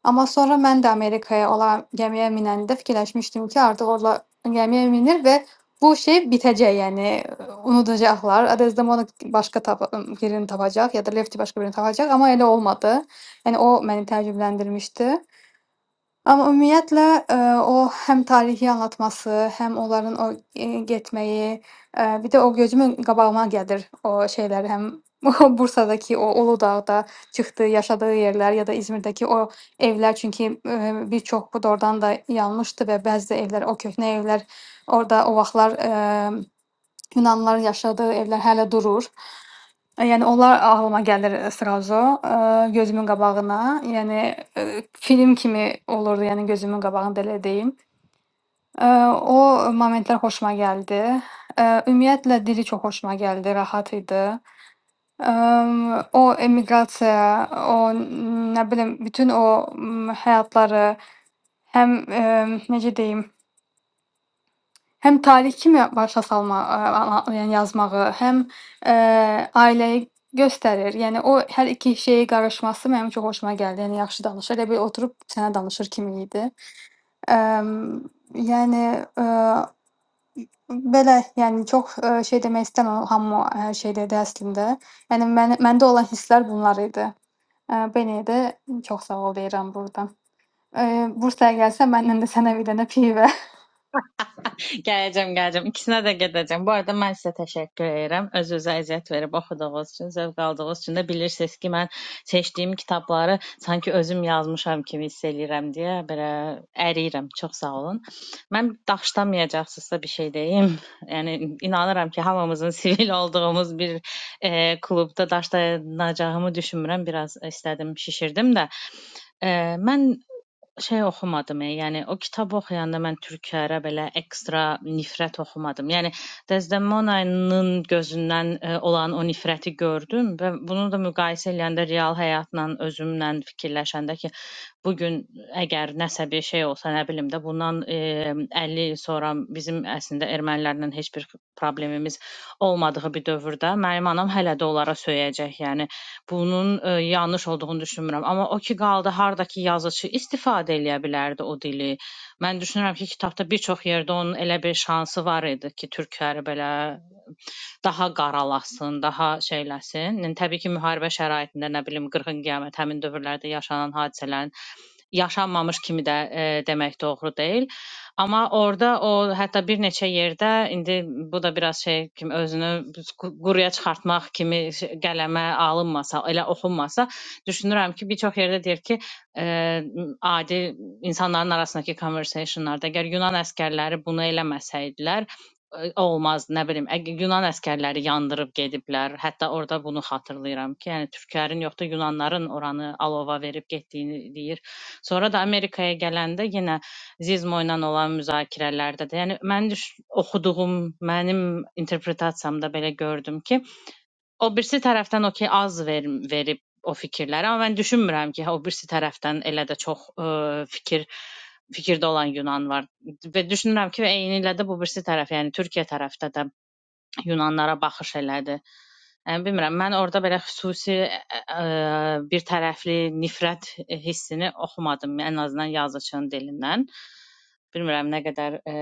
G: Amma sonra mən də Amerikaya, ola gəmiyə minəndə fikirləşmişdim ki, artıq orada gəmiyə minir və Bu şey bitəcək, yəni, unudacaqlar. Adez-Demona başqa tapa birini tapacaq ya da Lefti başqa birini tapacaq, amma elə olmadı. Yəni o məni təəccübləndirmişdi. Amma ümumiyyətlə, eee, o həm tarixi anlatması, həm onların o, eee, getməyi, eee, bir də o gözümün qabağıma gəlir o şeylər, həm Bursadakı o Uludağda çıxdığı, yaşadığı yerlər ya da İzmirdəki o evlər, çünki, eee, bir çoxu da ordan da yanmışdı və bəzi də evlər, o köhnə evlər orada o vaxtlar, emm Yunanlıların yaşadığı evlər hələ durur. E, Yəni onlar ağlıma gəlir srazu, eee, gözümün qabağına. Yəni eee, film kimi olurdu, yəni gözümün qabağında elə deyim. Eee, O momentlər xoşuma gəldi. Eee, Ümumiyyətlə dili çox xoşuma gəldi, rahat idi. Əm, O emiqrasiya, o nə bilim bütün o m, həyatları həm eee, necə deyim Həm tarixi kimi başa salma ə, a yəni yazmağı, həm, eee, ailəyi göstərir. Yəni o hər iki şeyi qarışması mənim çox xoşuma gəldi. Yəni yaxşı danışır, elə bil oturub sənə danışır kimi idi. Əm, yəni, eee, belə, yəni çox, eee, şey demək istəmirəm, hamı hər şey dedi əslində. Yəni məni məndə olan hisslər bunlar idi. Eee, belə də çox sağ ol deyirəm burdan. Eee, Bursaya gəlsən, məndən də sənə bir dənə pivə.
B: Gələcəm, gələcəm. İkisinə də gedəcəm. Bu arada mən sizə təşəkkür edirəm. Öz-özə əziyyət verib oxuduğunuz üçün, zövq aldığınız üçün də bilirsiniz ki, mən seçdiyim kitabları sanki özüm yazmışam kimi hiss eləyirəm deyə belə əriyirəm. Çox sağ olun. Mən daşlamayacaqsınızsa bir şey deyim. Yəni inanıram ki, hamımızın sivil olduğumuz bir e, klubda daşlanacağımı düşünmürəm. Biraz istədim, şişirdim də. E, mən şey oxumadım, e, yəni o kitab oxuyanda mən türklərə belə ekstra nifrət oxumadım. Yəni Desdemona'nın gözündən e, olan o nifrəti gördüm və bunu da müqayisə edəndə real həyatla özümlə fikirləşəndə ki, bu gün əgər nəsə bir şey olsa, nə bilim də bundan e, 50 il sonra bizim əslində ermənilərlə heç bir problemimiz olmadığı bir dövrdə mənim anam hələ də onlara söyəcək. Yəni Bunun e, yanlış olduğunu düşünmürəm. Amma o ki qaldı hardakı yazıçı istifadə eləyə bilərdi o dili. Mən düşünürəm ki, kitabda bir çox yerdə onun elə bir şansı var idi ki, türkləri belə daha qaralasın, daha şeyləsin. Yəni, təbii ki, müharibə şəraitində nə bilim qırğın qiyamət həmin dövrlərdə yaşanan hadisələrin yaşanmamış kimi də e, demək doğru deyil. Amma orada o hətta bir neçə yerdə indi bu da biraz şey kimi özünü quruya çıxartmaq kimi şey- qələmə alınmasa, elə oxunmasa, düşünürəm ki, bir çox yerdə deyir ki, e, adi insanların arasındakı conversationlarda əgər Yunan əskərləri bunu eləməsəydilər, ə, olmaz nə bilim əgər Yunan əskərləri yandırıb gediblər. Hətta orada bunu xatırlayıram ki, yəni türklərin yox da Yunanların oranı alova verib getdiyini Sonra da Amerikaya gələndə yenə Zizmo ilə olan müzakirələrdə də, yəni mən düş oxuduğum, mənim interpretasiyamda belə gördüm ki, o birisi tərəfdən okey az ver, verib o fikirləri, amma mən düşünmürəm ki, hə, o birisi tərəfdən elə də çox ə, fikir fikirdə olan Yunan var və düşünürəm ki, və eynilə də bu birisi tərəf, yəni Türkiyə tərəfdə də Yunanlara baxış elədi. Yəni bilmirəm, mən orada belə xüsusi ə, ə, bir tərəfli nifrət hissini oxumadım, ən azından yazıçının dilindən. Bilmirəm nə qədər ə,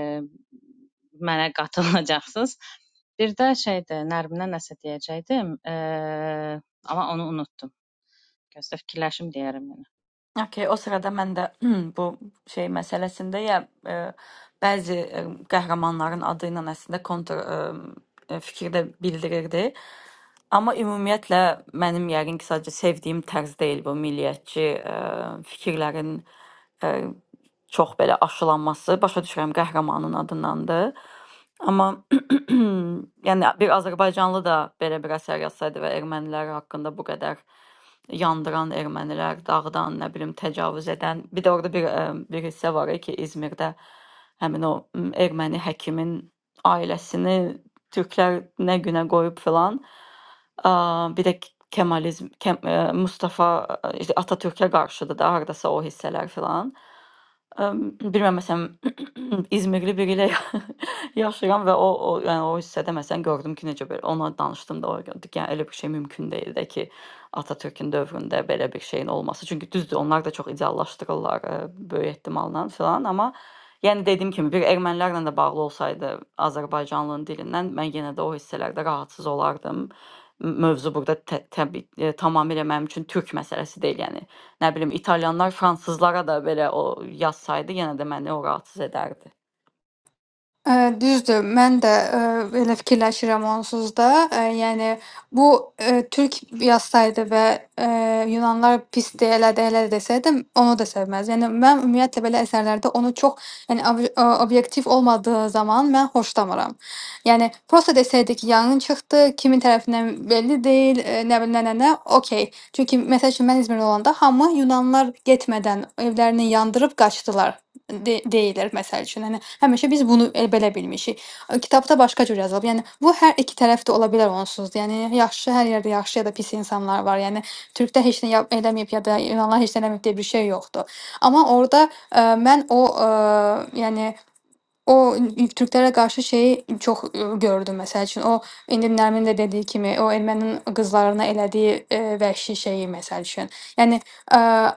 B: mənə qatılacaqsınız. Bir də şeydə Nərminə nəsə deyəcəydim, ə, amma onu unutdum. Gözlə fikirləşim deyərəm yenə.
A: Okay, o sırada mən də bu şey məsələsində ya e, bəzi e, qəhrəmanların adı ilə əslində kontr e, e, fikir də bildirirdi. Amma ümumiyyətlə mənim yəqin ki, sadəcə sevdiyim tərz deyil bu milliyyətçi e, fikirlərin e, çox belə aşılanması. Başa düşürəm qəhrəmanın adındandır. Amma yəni bir azərbaycanlı da belə bir əsər yazsaydı və ermənilər haqqında bu qədər yandıran ermənilər, dağıdan, nə bilim, təcavüz edən. Bir də orada bir ə, bir hissə var ya ki, İzmirdə həmin o m, erməni həkimin ailəsini türklər nə günə qoyub filan. Ə, Bir də Kemalizm, Kem, ə, Mustafa ə, işte Atatürkə qarşıdır da hardasa o hissələr filan. Əm, bilmirəm məsələn İzmirli biri ilə yaşayıram və o, o yəni o hissədə məsələn gördüm ki, necə belə ona danışdım da o dedi ki, yəni elə bir şey mümkün deyil də ki, Atatürk'ün dövründə belə bir şeyin olması. Çünki düzdür, onlar da çox ideallaşdırırlar ə, böyük ehtimalla filan, amma yəni dediyim kimi bir ermənilərlə də bağlı olsaydı Azərbaycanlının dilindən mən yenə də o hissələrdə rahatsız olardım. M- Mövzu burada tə- təbii e, tamamilə mənim üçün türk məsələsi deyil, yəni nə bilim italyanlar fransızlara da belə o yazsaydı yenə də məni o rahatsız edərdi.
G: Ə, düzdür, mən də, eee, belə fikirləşirəm onsuz da. Ə, yəni bu, eee, türk yazsaydı və, eee, yunanlılar pisdir, elədir, elədir desəydim, onu da sevməzdim. Yəni mən ümumiyyətlə belə əsərlərdə onu çox, yəni ob ə, obyektiv olmadığı zaman mən xoşlamıram. Yəni prosta desəydi ki, yanğın çıxdı, kimin tərəfindən belli deyil, eee, nə bilim, nə, nə, nə, okey. Çünki məsəl üçün mən İzmirdə olanda hamı yunanlılar getmədən evlərini yandırıb qaçdılar de deyilər məsəl üçün. Hani həmişə biz bunu e, belə bilmişik. E, Kitabda başqa cür yazılıb. Yəni bu hər iki tərəfdə ola bilər onsuz da. Yəni yaxşı hər yerdə yaxşı ya da pis insanlar var. Yəni Türkdə heç nə yap- eləməyib ya da İranlılar heç nə eləməyib deyə bir şey yoxdur. Amma orada e, mən o e, yəni O ü- ü- Türklere qarşı şeyi çox, ııı, gördü. Məsəl üçün, o indi Nərmin də dediyi kimi, o erməninin qızlarına elədiyi, eee, vəhşi şeyi, məsəl üçün. Yəni, eee,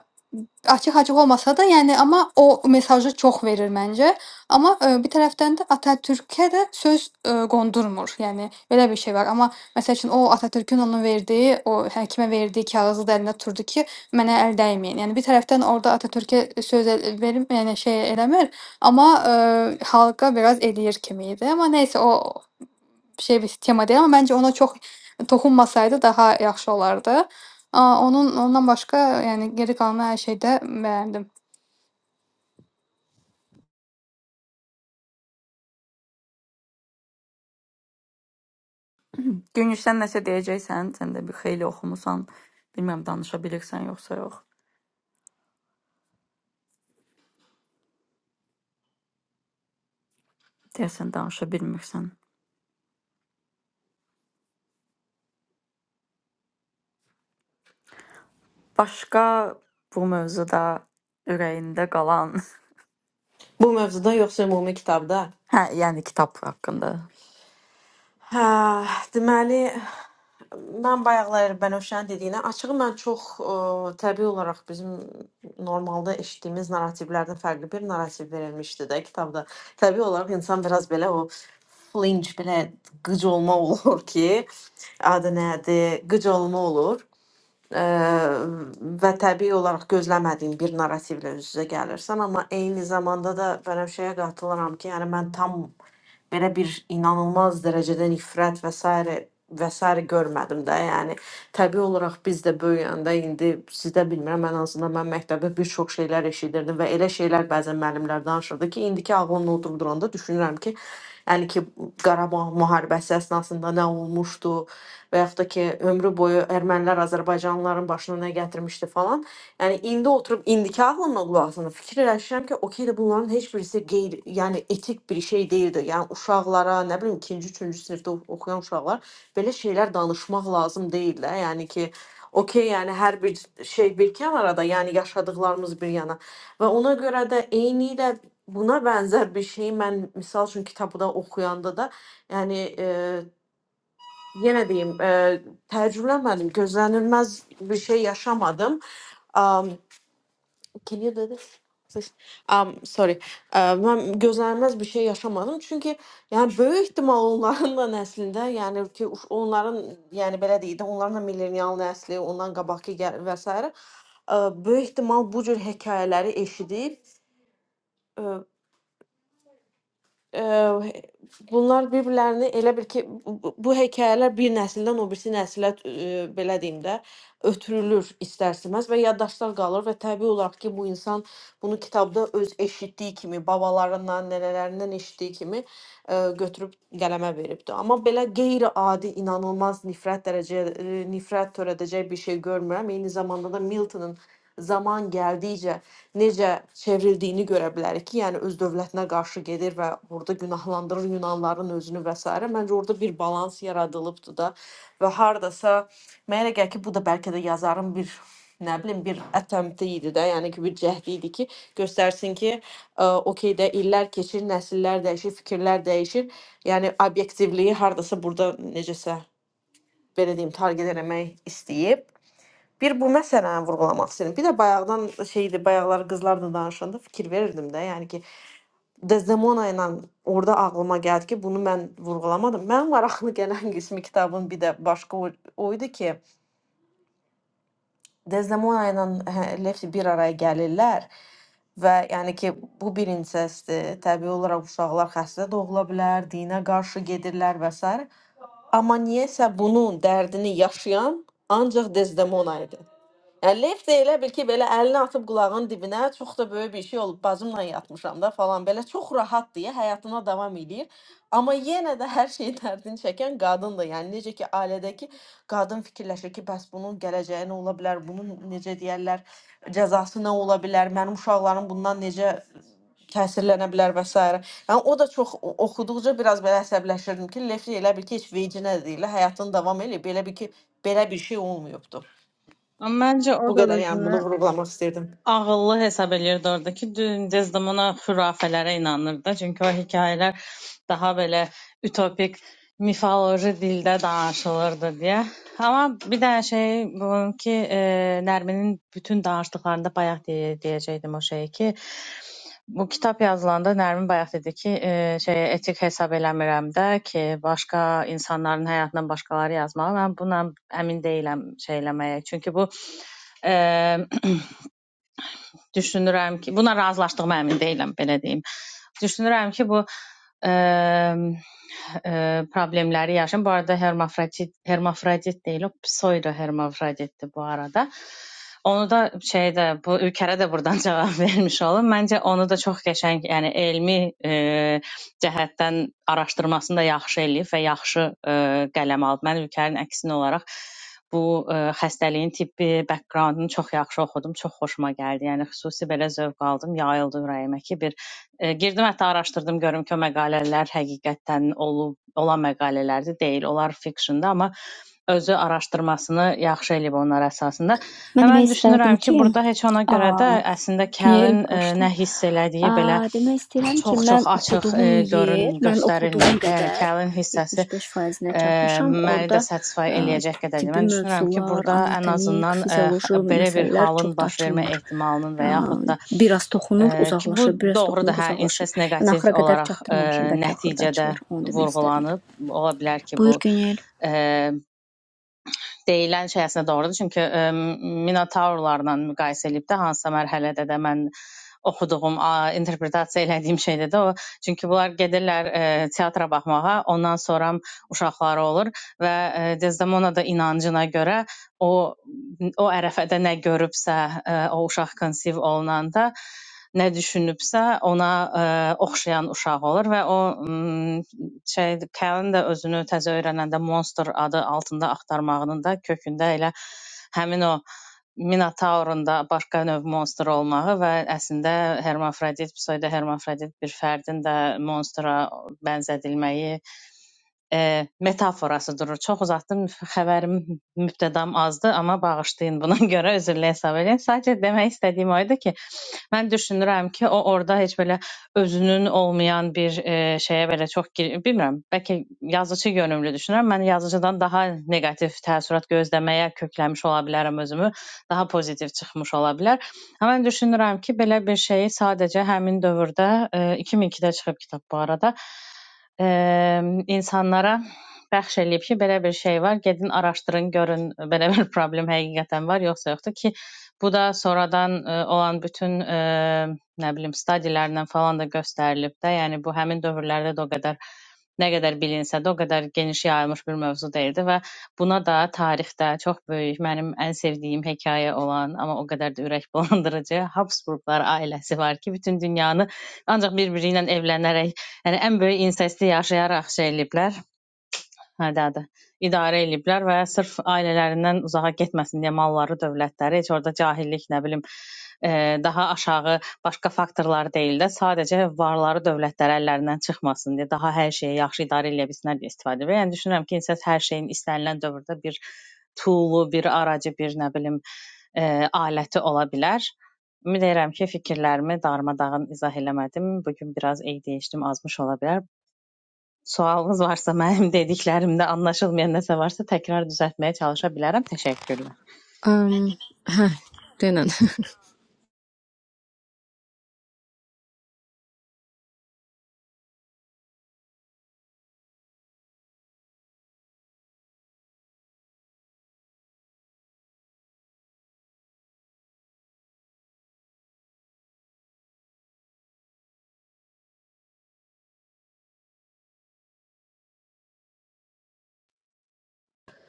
G: açıq-açıq olmasa da, yəni, amma o mesajı çox verir məncə. Amma, eee, bir tərəfdən də Atatürkə də söz, eee, qondurmur. Yəni, belə bir şey var. Amma məsəl üçün, o Atatürkün ona verdiyi, o həkimə verdiyi kağızı da əlində tuturdu ki, mənə əl dəyməyin. Yəni, bir tərəfdən orda Atatürkə söz el verib, yəni, şey eləmir. Ama, eee, halka biraz eləyir kimiydi. Amma nəysə, o şey bir tema deyil, amma məncə ona çox toxunmasaydı daha yaxşı olardı. Aaa, onun ondan başqa, yəni, geri qalan hər şeydə bəyəndim.
A: Günüş sən nəsə deyəcəksən, sən də bir xeyli oxumusan. Bilmirəm danışa bilirsən yoxsa yox. Deyəsən danışa bilmirsən. Başqa bu mövzuda ürəyində qalan,
C: Bu mövzuda yoxsa ümumi kitabda?
A: hə, yəni kitab haqqında.
C: Hə, deməli mən bayaqlar Bənövşənin dediyinə açığı mən çox ə, təbii olaraq bizim normalda eşitdiyimiz narrativlərdən fərqli bir narrativ verilmişdi də kitabda. Təbii olaraq insan biraz belə o flinch belə qıc olma olur ki, adı nədir? Qıc olma olur. Ə, və təbii olaraq gözləmədiyin bir narrativlə üz-üzə gəlirsən, amma eyni zamanda da bənövşəyə qatılaram ki, yəni mən tam belə bir inanılmaz dərəcədə nifrət və s. və s. görmədim də. Yəni təbii olaraq biz də böyüyəndə indi sizdə bilmirəm, ən azından mən məktəbdə bir çox şeylər eşidirdim və elə şeylər bəzən müəllimlər danışırdı ki, indiki ağlımla oturduranda düşünürəm ki, yəni ki Qarabağ müharibəsi əsnasında nə olmuşdu və yaxud da ki ömrü boyu ermənilər Azərbaycanlıların başına nə gətirmişdi falan. Yani indi oturup indikahla olasını fikir eləşirəm ki, okey də bunların heç birisi qeyri, yəni etik bir şey deyildi. Yəni uşaqlara, nə bilim 2-ci, 3-cü sinifdə ox- oxuyan uşaqlar belə şeylər danışmaq lazım deyil də. Yəni ki, okey, yəni hər bir şey bir kənara da, yəni yaşadıqlarımız bir yana. Və ona görə də eynilə buna bənzər bir şeyi mən misal üçün kitabda oxuyanda da, yəni e, yenə deyim, e, təcrübələmədim, gözlənilməz bir şey yaşamadım. Can you do this? Please. Um, sorry. Uh, mən gözlənilməz bir şey yaşamadım. Çünki yəni böyük ehtimal onların da nəslində, yəni ki uş- onların yəni belə deyək də, onların da millenial nəsli, ondan qabaqki gəl və s. Ə, böyük ehtimal bu cür hekayələri eşidib Eee, he bunlar bir-birlərini elə bil ki, bu bu bu hekayələr bir nəsildən o birisi nəsilə, eee, belə deyim də, ötürülür istər-istəməz və yaddaşda qalır və təbii olaraq ki, bu insan bunu kitabda öz eşitdiyi kimi, babalarından, nənələrindən eşitdiyi kimi, eee, götürüb qələmə veribdir. Amma belə qeyri-adi, inanılmaz nifrət dərəcə eee, nifrət törədəcək bir şey görmürəm. Eyni zamanda da Miltonun zaman gəldikcə necə çevrildiyini görə bilərik ki, yəni öz dövlətinə qarşı gedir və burada günahlandırır Yunanların özünü və s. Məncə orada bir balans yaradılıbdı da və hardasa mənə elə gəlir ki, bu da bəlkə də yazarın bir nə bilim bir attempti idi də, yəni ki, bir cəhdi idi ki, göstərsin ki, ə, okey də illər keçir, nəsillər dəyişir, fikirlər dəyişir. Yəni obyektivliyi hardasa burada necəsə belə deyim, target eləmək istəyib. Bir bu məsələni vurğulamaq istəyirəm. Bir də bayaqdan şeydi, bayaqlar qızlarla danışanda fikir verirdim də, yəni ki, Desdemona ilə orada ağlıma gəldi ki, bunu mən vurğulamadım. Mənim maraqlı gələn qismi kitabın bir də başqa o, o idi ki, Desdemona ilə hə, Lefty bir araya gəlirlər və yəni ki, bu bir insestdir. Təbii olaraq uşaqlar xəstə doğula bilər, dinə qarşı gedirlər və s. Amma niyəsə bunun dərdini yaşayan ancaq Desdemona idi. Lef də elə bil ki, belə əlini atıb qulağın dibinə, çox da böyük bir şey olub, bacımla yatmışam da falan, belə çox rahatdır, ya, həyatına davam eləyir. Amma yenə də hər şeyin dərdini çəkən qadındır. Yəni necə ki, ailədəki qadın fikirləşir ki, bəs bunun gələcəyi nə ola bilər, bunun necə deyərlər, cəzası nə ola bilər, mənim uşaqlarım bundan necə təsirlənə bilər və s. Yəni o da çox o- oxuduqca biraz belə əsəbləşirdim ki, Lefli elə bil ki, heç vecinə deyil, həyatını davam eləyir. Belə bir ki, belə bir şey olmayıbdı.
B: Ama bence o
C: Bu
B: da
C: kadar yani
B: var.
C: bunu vurgulamak istedim.
B: ağıllı hesab eləyirdi orada ki, Desdemona xürafələrə inanırdı. Çünki o hekayələr daha belə ütopik mifoloji dildə danışılırdı deyə. Amma bir dənə şey bunun ki, e, Nərminin bütün danışdıqlarında bayaq deyə, deyəcəydim o şeyi ki, bu kitab yazılanda Nərmin bayaq dedi ki, e, şey etik hesab eləmirəm də ki, başqa insanların həyatından başqaları yazmalı. Mən bununla əmin deyiləm şey eləməyə. Çünki bu e, düşünürəm ki, buna razılaşdığıma əmin deyiləm, belə deyim. Düşünürəm ki, bu ə, ə, problemləri yaşayın. Bu arada hermafrodit hermafrodit deyil, o pseudo hermafroditdir bu arada. Onu da şeydə bu ülkərə də burdan cavab vermiş olum. Məncə onu da çox qəşəng, yəni elmi e, cəhətdən araşdırmasını da yaxşı eləyib və yaxşı e, qələm alıb. Mən ülkənin əksinə olaraq bu ə, xəstəliyin tibbi backgroundunu çox yaxşı oxudum, çox xoşuma gəldi. Yəni xüsusi belə zövq aldım, yayıldı ürəyimə ki, bir ə, girdim hətta araşdırdım görüm ki, o məqalələr həqiqətən olub olan məqalələrdir, deyil. Onlar fiksiyonda, amma özü araşdırmasını yaxşı eləyib onlar əsasında. Və
D: Mən
B: mən
D: demək istədim
B: düşünürəm ki,
D: ki,
B: burada heç ona
D: a,
B: görə də əslində
D: Günel
B: Kəlin ə, nə
D: bağışla.
B: hiss
D: A,
B: elədiyi belə
D: demək istəyirəm ki,
B: çox-çox
D: mən
B: açıq e,
D: oxuduğum
B: görün
D: yer, mən oxuduğum
B: göstərilməyib də. Yəni
D: qədər
B: Kəlin hissəsi
D: 75%-nə
B: e,
D: çatmışam.
B: məni də
D: Orda
B: satisfy
D: ə,
B: eləyəcək qədər deyil.
D: tibbi
B: Mən düşünürəm ki,
D: mövzular,
B: burada ən
D: anatomik,
B: azından e,
D: fizioloji
B: x- belə bir
D: məsələlər
B: halın
D: çox da
B: baş vermə
D: açılmır.
B: ehtimalının və
D: Ə,
B: yaxud da
D: bir az toxunur,
B: e, ki, bu
D: uzaqlaşır, bir az
B: doğrudur,
D: toxunur,
B: hə,
D: uzaqlaşır.
B: incest
D: Yəni
B: neqativ
D: axıra qədər
B: olaraq e,
D: çatdırmamışam, bəlkə axırda
B: nəticədə
D: açılır. Onu demək istədim.
B: vurğulanıb. Ola bilər ki, bu
D: Buyur Günel.
B: e, deyilən şey əslində doğrudur. Çünki ə, Minotaurlarla müqayisə edib də hansısa mərhələdə də mən oxuduğum, a, interpretasiya elədiyim şeydə də o. Çünki bunlar gedirlər ə, teatra baxmağa, ondan sonra uşaqları olur və ə, Desdemona da inancına görə o o ərəfədə nə görübsə, ə, o uşaq konsiv olunanda nə düşünübsə, ona ə, oxşayan uşaq olur və o şey Kəlin də özünü təzə öyrənəndə Monster adı altında axtarmağının da kökündə elə həmin o Minotaurun da başqa növ monster olmağı və əslində Hermafrodit, pseudo Hermafrodit bir fərdin də monstera bənzədilməyi e, metaforası durur. Çox uzatdım, xəbərim mübtədam azdı, amma bağışlayın buna görə, üzrlə hesab edin. Sadəcə demək istədiyim o idi ki, Mən düşünürəm ki, o orada heç belə özünün olmayan bir e, şeyə belə çox gir- bilmirəm. Bəlkə yazıçı yönümlü düşünürəm. Mən yazıcıdan daha neqativ təəssürat gözləməyə kökləmiş ola bilərəm özümü. Daha pozitiv çıxmış ola bilər. Amma mən düşünürəm ki, belə bir şeyi sadəcə həmin dövrdə e, 2002-də çıxıb kitab bu arada e, insanlara bəxş eləyib ki, belə bir şey var, gedin araşdırın, görün belə bir problem həqiqətən var, yoxsa yoxdur ki, bu da sonradan e, olan bütün e, nə bilim stadiyalarla falan da göstərilib də, yəni bu həmin dövrlərdə də o qədər nə qədər bilinsə də o qədər geniş yayılmış bir mövzu deyildi və buna da tarixdə çox böyük mənim ən sevdiyim hekayə olan, amma o qədər də ürək bulandırıcı Habsburqlar ailəsi var ki, bütün dünyanı ancaq bir-biri ilə evlənərək, yəni ən böyük insesti yaşayaraq şey eləyiblər. Hədədir. İdarə eləyiblər və sırf ailələrindən uzağa getməsin deyə malları, dövlətləri heç orada cahillik, nə bilim, e, daha aşağı başqa faktorlar deyil də, sadəcə varları dövlətləri əllərindən çıxmasın deyə daha hər şeyi yaxşı idarə eləyə bilsinlər deyə istifadə edir. Yəni düşünürəm ki, insan hər şeyin istənilən dövrdə bir toolu, bir aracı, bir nə bilim, e, aləti ola bilər. Ümid edirəm ki, fikirlərimi darmadağın izah eləmədim. Bu gün biraz eydiyişdim, azmış ola bilər. Sualınız varsa, mənim dediklərimdə anlaşılmayan nəsə varsa təkrar düzəltməyə çalışa bilərəm. Təşəkkürlər.
H: Am, hə, denən.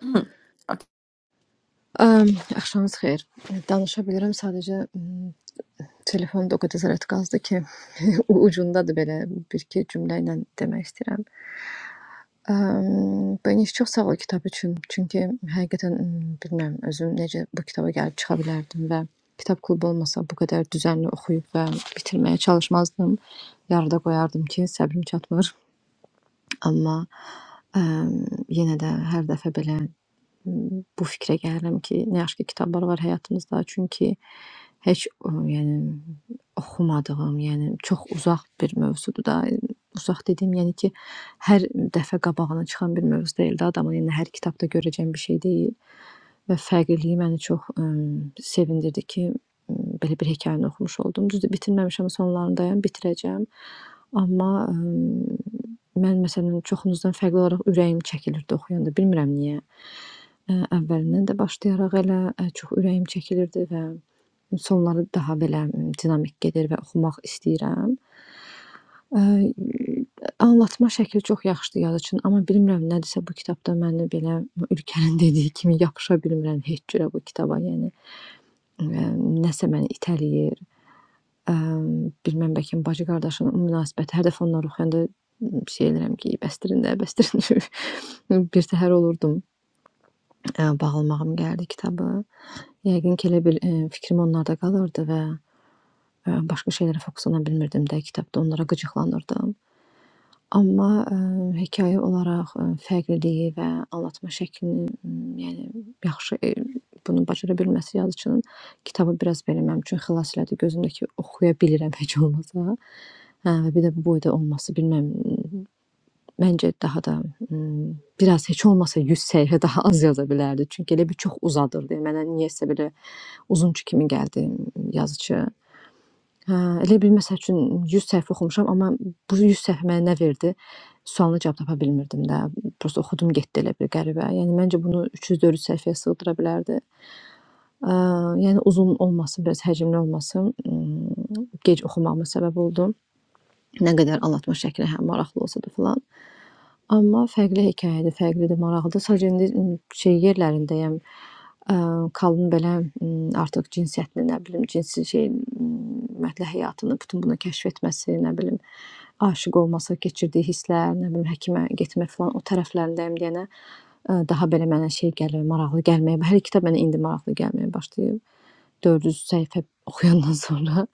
A: Hı, Okey.
H: Am, axşamınız xeyir. Danışa bilirəm, sadəcə m, telefonum da o qədər zərət qazdı ki, u- ucundadır belə bir iki cümlə ilə demək istəyirəm. Am, Bəniş çox sağ ol kitab üçün. Çünki həqiqətən m, bilmirəm özüm necə bu kitaba gəlib çıxa bilərdim və kitab klubu olmasa bu qədər düzənli oxuyub və bitirməyə çalışmazdım. Yarıda qoyardım ki, səbrim çatmır. Amma Əm, yenə də hər dəfə belə m, bu fikrə gəlirəm ki, nə yaxşı ki kitablar var həyatımızda, çünki heç ə, yəni oxumadığım, yəni çox uzaq bir mövzudur da. Uzaq dediyim, yəni ki, hər dəfə qabağına çıxan bir mövzu deyil də adamın, yəni hər kitabda görəcəyim bir şey deyil və fərqliliyi məni çox ə, sevindirdi ki, ə, belə bir hekayəni oxumuş oldum. Düzdür, bitirməmişəm, sonlarındayam, bitirəcəm. Amma ə, mən məsələn çoxunuzdan fərqli olaraq ürəyim çəkilirdi oxuyanda, bilmirəm niyə. Ə, əvvəlindən də başlayaraq elə ə, çox ürəyim çəkilirdi və sonları daha belə m, dinamik gedir və oxumaq istəyirəm. Ə, anlatma şəkli çox yaxşıdır yazıçının, amma bilmirəm nədirsə bu kitabda məni belə Ülkənin dediyi kimi yapışa bilmirəm heç cürə bu kitaba, yəni ə, nəsə məni itələyir. Ə, bilmirəm bəlkə bacı-qardaşın münasibəti hər dəfə onları oxuyanda şey edirəm ki, bəsdirin də, bəsdirin. Bir təhər olurdum. Ə, bağlamağım gəldi kitabı. Yəqin ki, elə bil, eee, fikrim onlarda qalırdı və, eee, başqa şeylərə fokuslana bilmirdim də, kitabda onlara qıcıqlanırdım. Amma, eee, hekayə olaraq, eee, fərqliliyi və anlatma şəklini, ımm, yəni yaxşı, eee, bunu bacara bilməsi yazıçının kitabı biraz belə mənim üçün xilas elədi. Gözümdəki oxuya bilirəm heç olmasa. Hə, və bir də bu boyda olması, bilmirəm, məncə daha da, ımm, biraz heç olmasa 100 səhifə daha az yaza bilərdi. Çünki elə bil çox uzadırdı. Mənə niyəsə belə Uzunçu kimi gəldi yazıçı. Hə, elə bil məsəl üçün 100 səhifə oxumuşam, amma bu 100 səhifə mənə nə verdi? Sualına cavab tapa bilmirdim də. Prosta oxudum getdi elə bir qəribə. Yəni məncə bunu 300-400 səhifəyə sığdıra bilərdi. Ə, yəni uzun olması, biraz həcmli olması m, gec oxumağıma səbəb oldu. Nə qədər anlatma şəkli hə maraqlı olsa da filan. Amma fərqli hekayədir, fərqlidir, maraqlıdır. Sadəcə indi ımm, şey yerlərindəyəm, eee, Kalın belə, ımm, artıq cinsiyyətini, nə bilim, cinsi şeyin, ımm, ümumiyyətlə həyatını, bütün bunu kəşf etməsi, nə bilim, aşiq olması, keçirdiyi hisslər, nə bilim, həkimə getmək filan, o tərəflərindəyəm deyənə, eee, daha belə mənə şey gəlir, maraqlı gəlməyə, hər iki kitab mənə indi maraqlı gəlməyə başlayıb 400 səhifə oxuyandan sonra.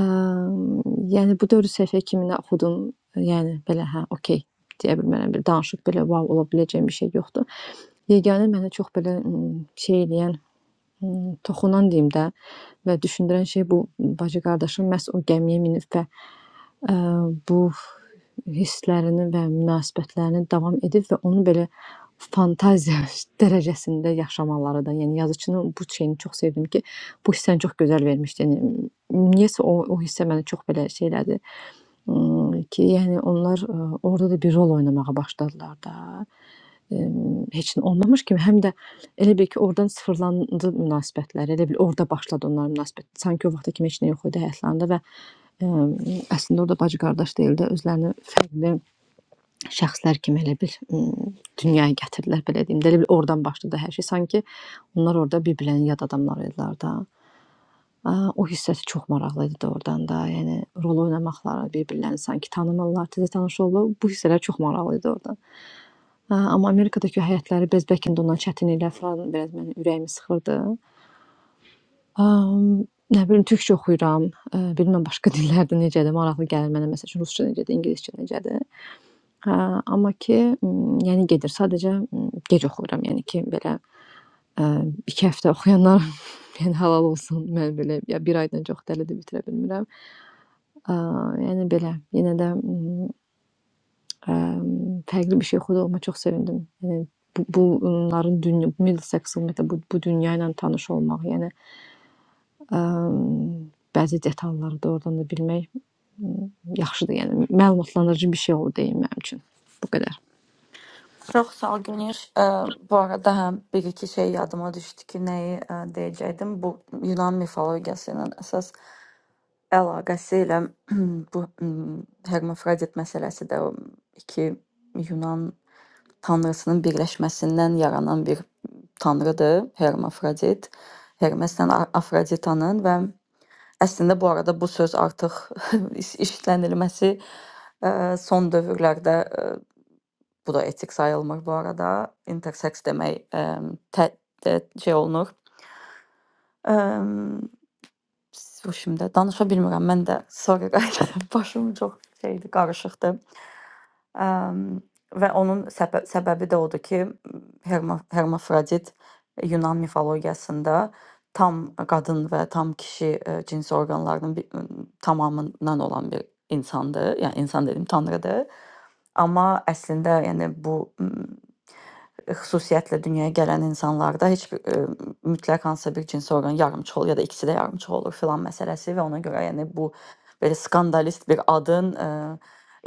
H: Əm, yəni bu 4 səhifə kimi oxudum. Yəni belə hə, okay deyə bilmərəm. Bir danışıq belə vau ola biləcəyim bir şey yoxdur. Yeganə mənə çox belə ım, şey eləyən Hmm, toxunan deyim də və düşündürən şey bu bacı qardaşım məhz o gəmiyə minib və ə, bu hisslərini və münasibətlərini davam edib və onu belə fantaziya dərəcəsində yaşamaları da, yəni yazıçının bu şeyini çox sevdim ki, bu hissəni çox gözəl vermişdi. Yəni, niyəsə o, o hissə məni çox belə şey elədi. Imm, ki, yəni onlar, ııı, orada da bir rol oynamağa başladılar da. Emm, heç nə olmamış kimi, həm də elə bil ki, ordan sıfırlandı münasibətlər. Elə bil orda başladı onların münasibət. Sanki o vaxta kimi heç nə yox idi həyatlarında və, emm, əslində orda bacı-qardaş deyil də, özlərini fərqli şəxslər kimi elə bil, ımm, dünyaya gətirdilər, belə deyim də. Elə bil ordan başladı hər şey. Sanki onlar orda bir-birlərini yad adamlar idilər də. A, o hissəsi çox maraqlı idi doğrudan da. Yəni rol oynamaqları, bir-birlərini sanki tanımırlar, təzə tanış olurlar. Bu hissələr çox maraqlı idi orada. A, amma Amerikadakı həyatları bəz bəlkə də ondan çətin ilə falan biraz mənim ürəyimi sıxırdı. Am, nə bilim türkcə oxuyuram. E, bilmirəm başqa dillərdə necədir, maraqlı gəlir mənə məsəl üçün rusca necədir, ingiliscə necədir. Hə, amma ki, m, yəni gedir. Sadəcə m, gec oxuyuram, yəni ki, belə e, 2 həftə oxuyanlar yəni halal olsun. Mən belə ya 1 aydan çox dəli də bitirə bilmirəm. Aaa, yəni belə, yenə də, ımm, əmm, fərqli bir şey oxuduğuma çox sevindim. Yəni bu bu bunların dünya Middleseks ümumiyyətlə bu bu dünya ilə tanış olmaq, yəni, əmm, bəzi detalları doğrudan da bilmək, ımm, yaxşıdır, yəni məlumatlandırıcı bir şey oldu deyim mənim üçün. Bu qədər.
A: Çox sağ ol Günüş. Ə, bu arada həm bir iki şey yadıma düşdü ki, nəyi ə, deyəcəkdim. Bu Yunan mifologiyası ilə əsas Əlaqəsi ilə bu mm, Hermafrodit məsələsi də o iki Yunan tanrısının birləşməsindən yaranan bir tanrıdır Hermafrodit. Hermeslə A- Afroditanın və əslində bu arada bu söz artıq iş- işlənilməsi ə, son dövrlərdə ə, bu da etik sayılmır bu arada. Intersex demək ə, tə, tə, şey olunur. Ə, Bu şimdi danışa bilmirəm. Mən də sorry qaydadan başım çox şeydi, qarışıqdı. Əm, və onun səbə səbəbi də odur ki, Herma Hermafrodit Yunan mifologiyasında tam qadın və tam kişi ə, cins orqanlarının bir, tamamından olan bir insandır. Yəni insan dedim, tanrıdır. Amma əslində yəni bu xüsusiyyətlə dünyaya gələn insanlarda heç bir e, mütləq hansısa bir cins orqan yarımçı olur ya da ikisi də yarımçı olur filan məsələsi və ona görə yəni bu belə skandalist bir adın e,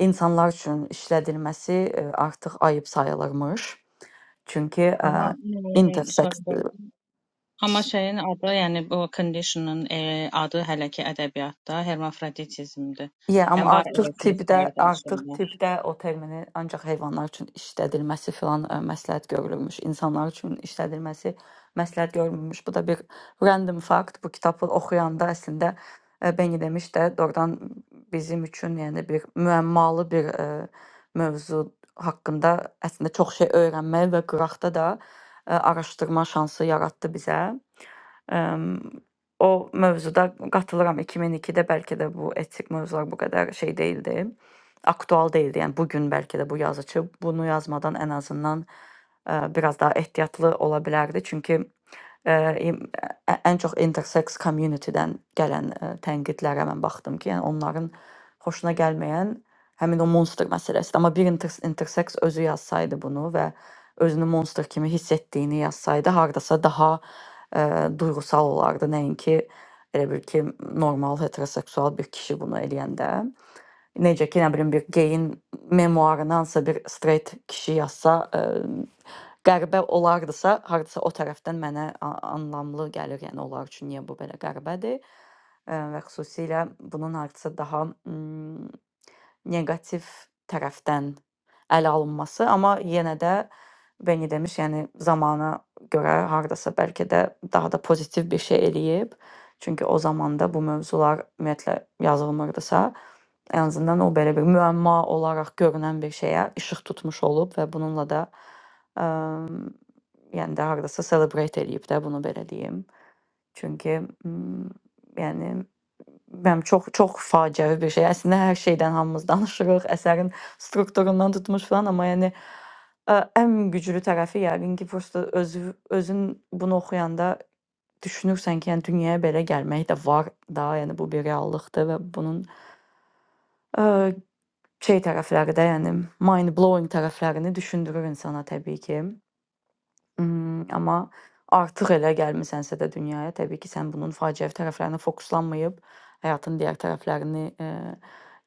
A: insanlar üçün işlədilməsi e, artıq ayıb sayılırmış. Çünki e,
B: Amma mm,
A: intersex
B: sorry, amma şeyin adı, yəni bu conditionın e, adı hələ ki ədəbiyyatda hermafroditizmdir.
A: Yeah, amma
B: Yəni var
A: artıq
B: elə
A: tibbdə,
B: testlər də
A: artıq
B: şeylər.
A: tibbdə o termini ancaq heyvanlar üçün işlədilməsi filan ə, məsləhət görülmüş, insanlar üçün işlədilməsi məsləhət görülmüş. Bu da bir random fact. Bu kitabı oxuyanda əslində ə, Beni demiş də doğrudan bizim üçün yəni bir müəmmalı bir ə, mövzu haqqında əslində çox şey öyrənməyə və qıraqda da ə, araşdırma şansı yaratdı bizə. Əm, o mövzuda qatılıram. 2002-də bəlkə də bu etik mövzular bu qədər şey deyildi. Aktual deyildi. Yəni bu gün bəlkə də bu yazıçı bunu yazmadan ən azından ə, biraz daha ehtiyatlı ola bilərdi. Çünki ə, im- ə- ən çox intersex community-dən gələn ə, tənqidlərə mən baxdım ki, yəni onların xoşuna gəlməyən həmin o monster məsələsidir. Amma bir inter intersex özü yazsaydı bunu və özünü monster kimi hiss etdiyini yazsaydı, hardasa daha e, duyğusal olardı. Nəinki elə bir ki, normal heteroseksual bir kişi bunu eləyəndə. Necə ki, nə bilim bir geyin memuarındansa bir straight kişi yazsa, e, qəribə olardısa, hardasa o tərəfdən mənə a- anlamlı gəlir. Yəni onlar üçün niyə bu belə qəribədir? E, və xüsusilə bunun hardasa daha mm, negativ tərəfdən ələ alınması, amma yenə də Beni demiş yəni zamana görə hardasa bəlkə də daha da pozitiv bir şey eləyib. Çünki o zamanda bu mövzular ümumiyyətlə yazılmırdısa, ən azından o belə bir müəmma olaraq görünən bir şeyə işıq tutmuş olub və bununla da yəni də hardasa celebrate eləyib də bunu belə deyim. Çünki mm, yəni Bilmirəm, çox çox faciəvi bir şey. Əslində hər şeydən hamımız danışırıq, əsərin strukturundan tutmuş filan, amma yəni ə, ən güclü tərəfi yəqin ki, prosta öz özün bunu oxuyanda düşünürsən ki, yəni dünyaya belə gəlmək də var da, yəni bu bir reallıqdır və bunun ə, şey tərəfləri də, yəni mind blowing tərəflərini düşündürür insana təbii ki. Imm, amma artıq elə gəlmisənsə də dünyaya, təbii ki, sən bunun faciəvi tərəflərinə fokuslanmayıb, həyatın digər tərəflərini, eee,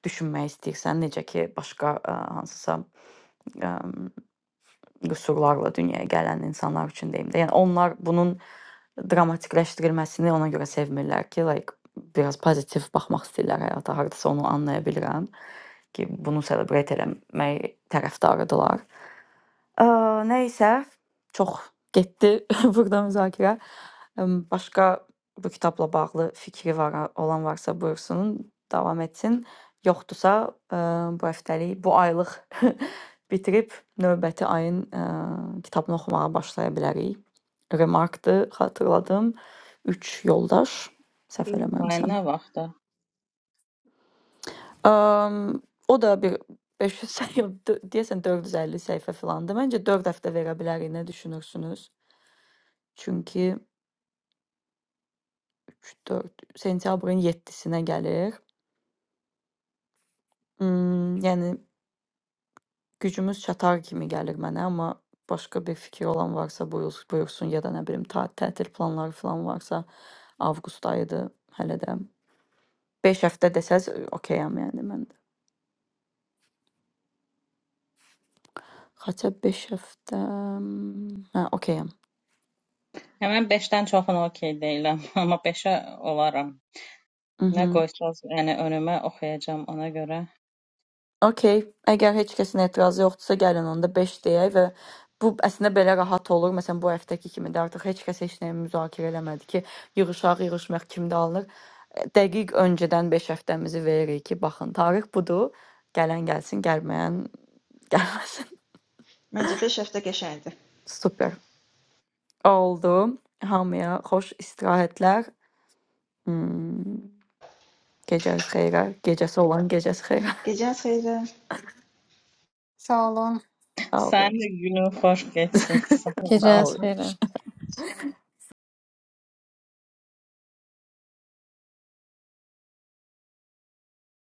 A: düşünmək istəyirsən. Necə ki, başqa, ə, hansısa, əm, qüsurlarla dünyaya gələn insanlar üçün deyim də. Yəni onlar bunun dramatikləşdirilməsini ona görə sevmirlər ki, like, biraz pozitiv baxmaq istəyirlər həyata. Hardasa onu anlaya bilirəm ki, bunu celebrate eləmək tərəfdarıdırlar. Aaa, nəysə, çox getdi burda müzakirə. Imm, başqa bu kitabla bağlı fikri var olan varsa buyursun, davam etsin. Yoxdursa, eee, bu həftəlik, bu aylıq bitirib növbəti ayın, eee, kitabını oxumağa başlaya bilərik. Remarkdır, xatırladım. Üç yoldaş, səhv
B: Deadline
A: eləmirəmsəm.
B: nə vaxtda?
A: Amm, o da bir 500 səhifə, deyəsən 450 səhifə filandır. Məncə 4 həftə verə bilərik. Nə düşünürsünüz? Çünki 3-4 sentyabrın 7-sinə gəlir. Imm, yəni gücümüz çatar kimi gəlir mənə, amma başqa bir fikir olan varsa buyurs buyursun ya da nə bilim ta tətil planları filan varsa avqust ayıdır hələ də. 5 həftə desəz okeyəm yəni mən də. Xaçə 5 həftə, hə, okeyəm.
B: Yəni mən 5-dən çoxuna okey deyiləm, amma 5 olaram. Nə
A: Mhm.
B: qoysaz, yəni önümə oxuyacağam ona görə.
A: Okey, əgər heç kəsin etirazı yoxdursa, gəlin onda 5 deyək və bu əslində belə rahat olur. Məsələn, bu həftəki kimi də artıq heç kəs heç nəyi müzakirə eləmədi ki, yığışaq, yığışmaq kimdə alınır. E, Dəqiq öncədən 5 həftəmizi veririk ki, baxın, tarix budur. Gələn gəlsin, gəlməyən gəlməsin.
E: Məncə 5 həftə qəşəngdir.
A: Super. Oldu. Hamıya xoş istirahətlər. Hmm, gecəniz xeyrə. Gecəsi olan gecəsi xeyrə.
E: Gecəniz xeyir.
G: Sağ olun.
A: Sağ olun.
B: Sənin də günün xoş keçsin. Sağ
A: Sağ
B: ol.
H: Gecəniz
A: olun.
H: xeyrə.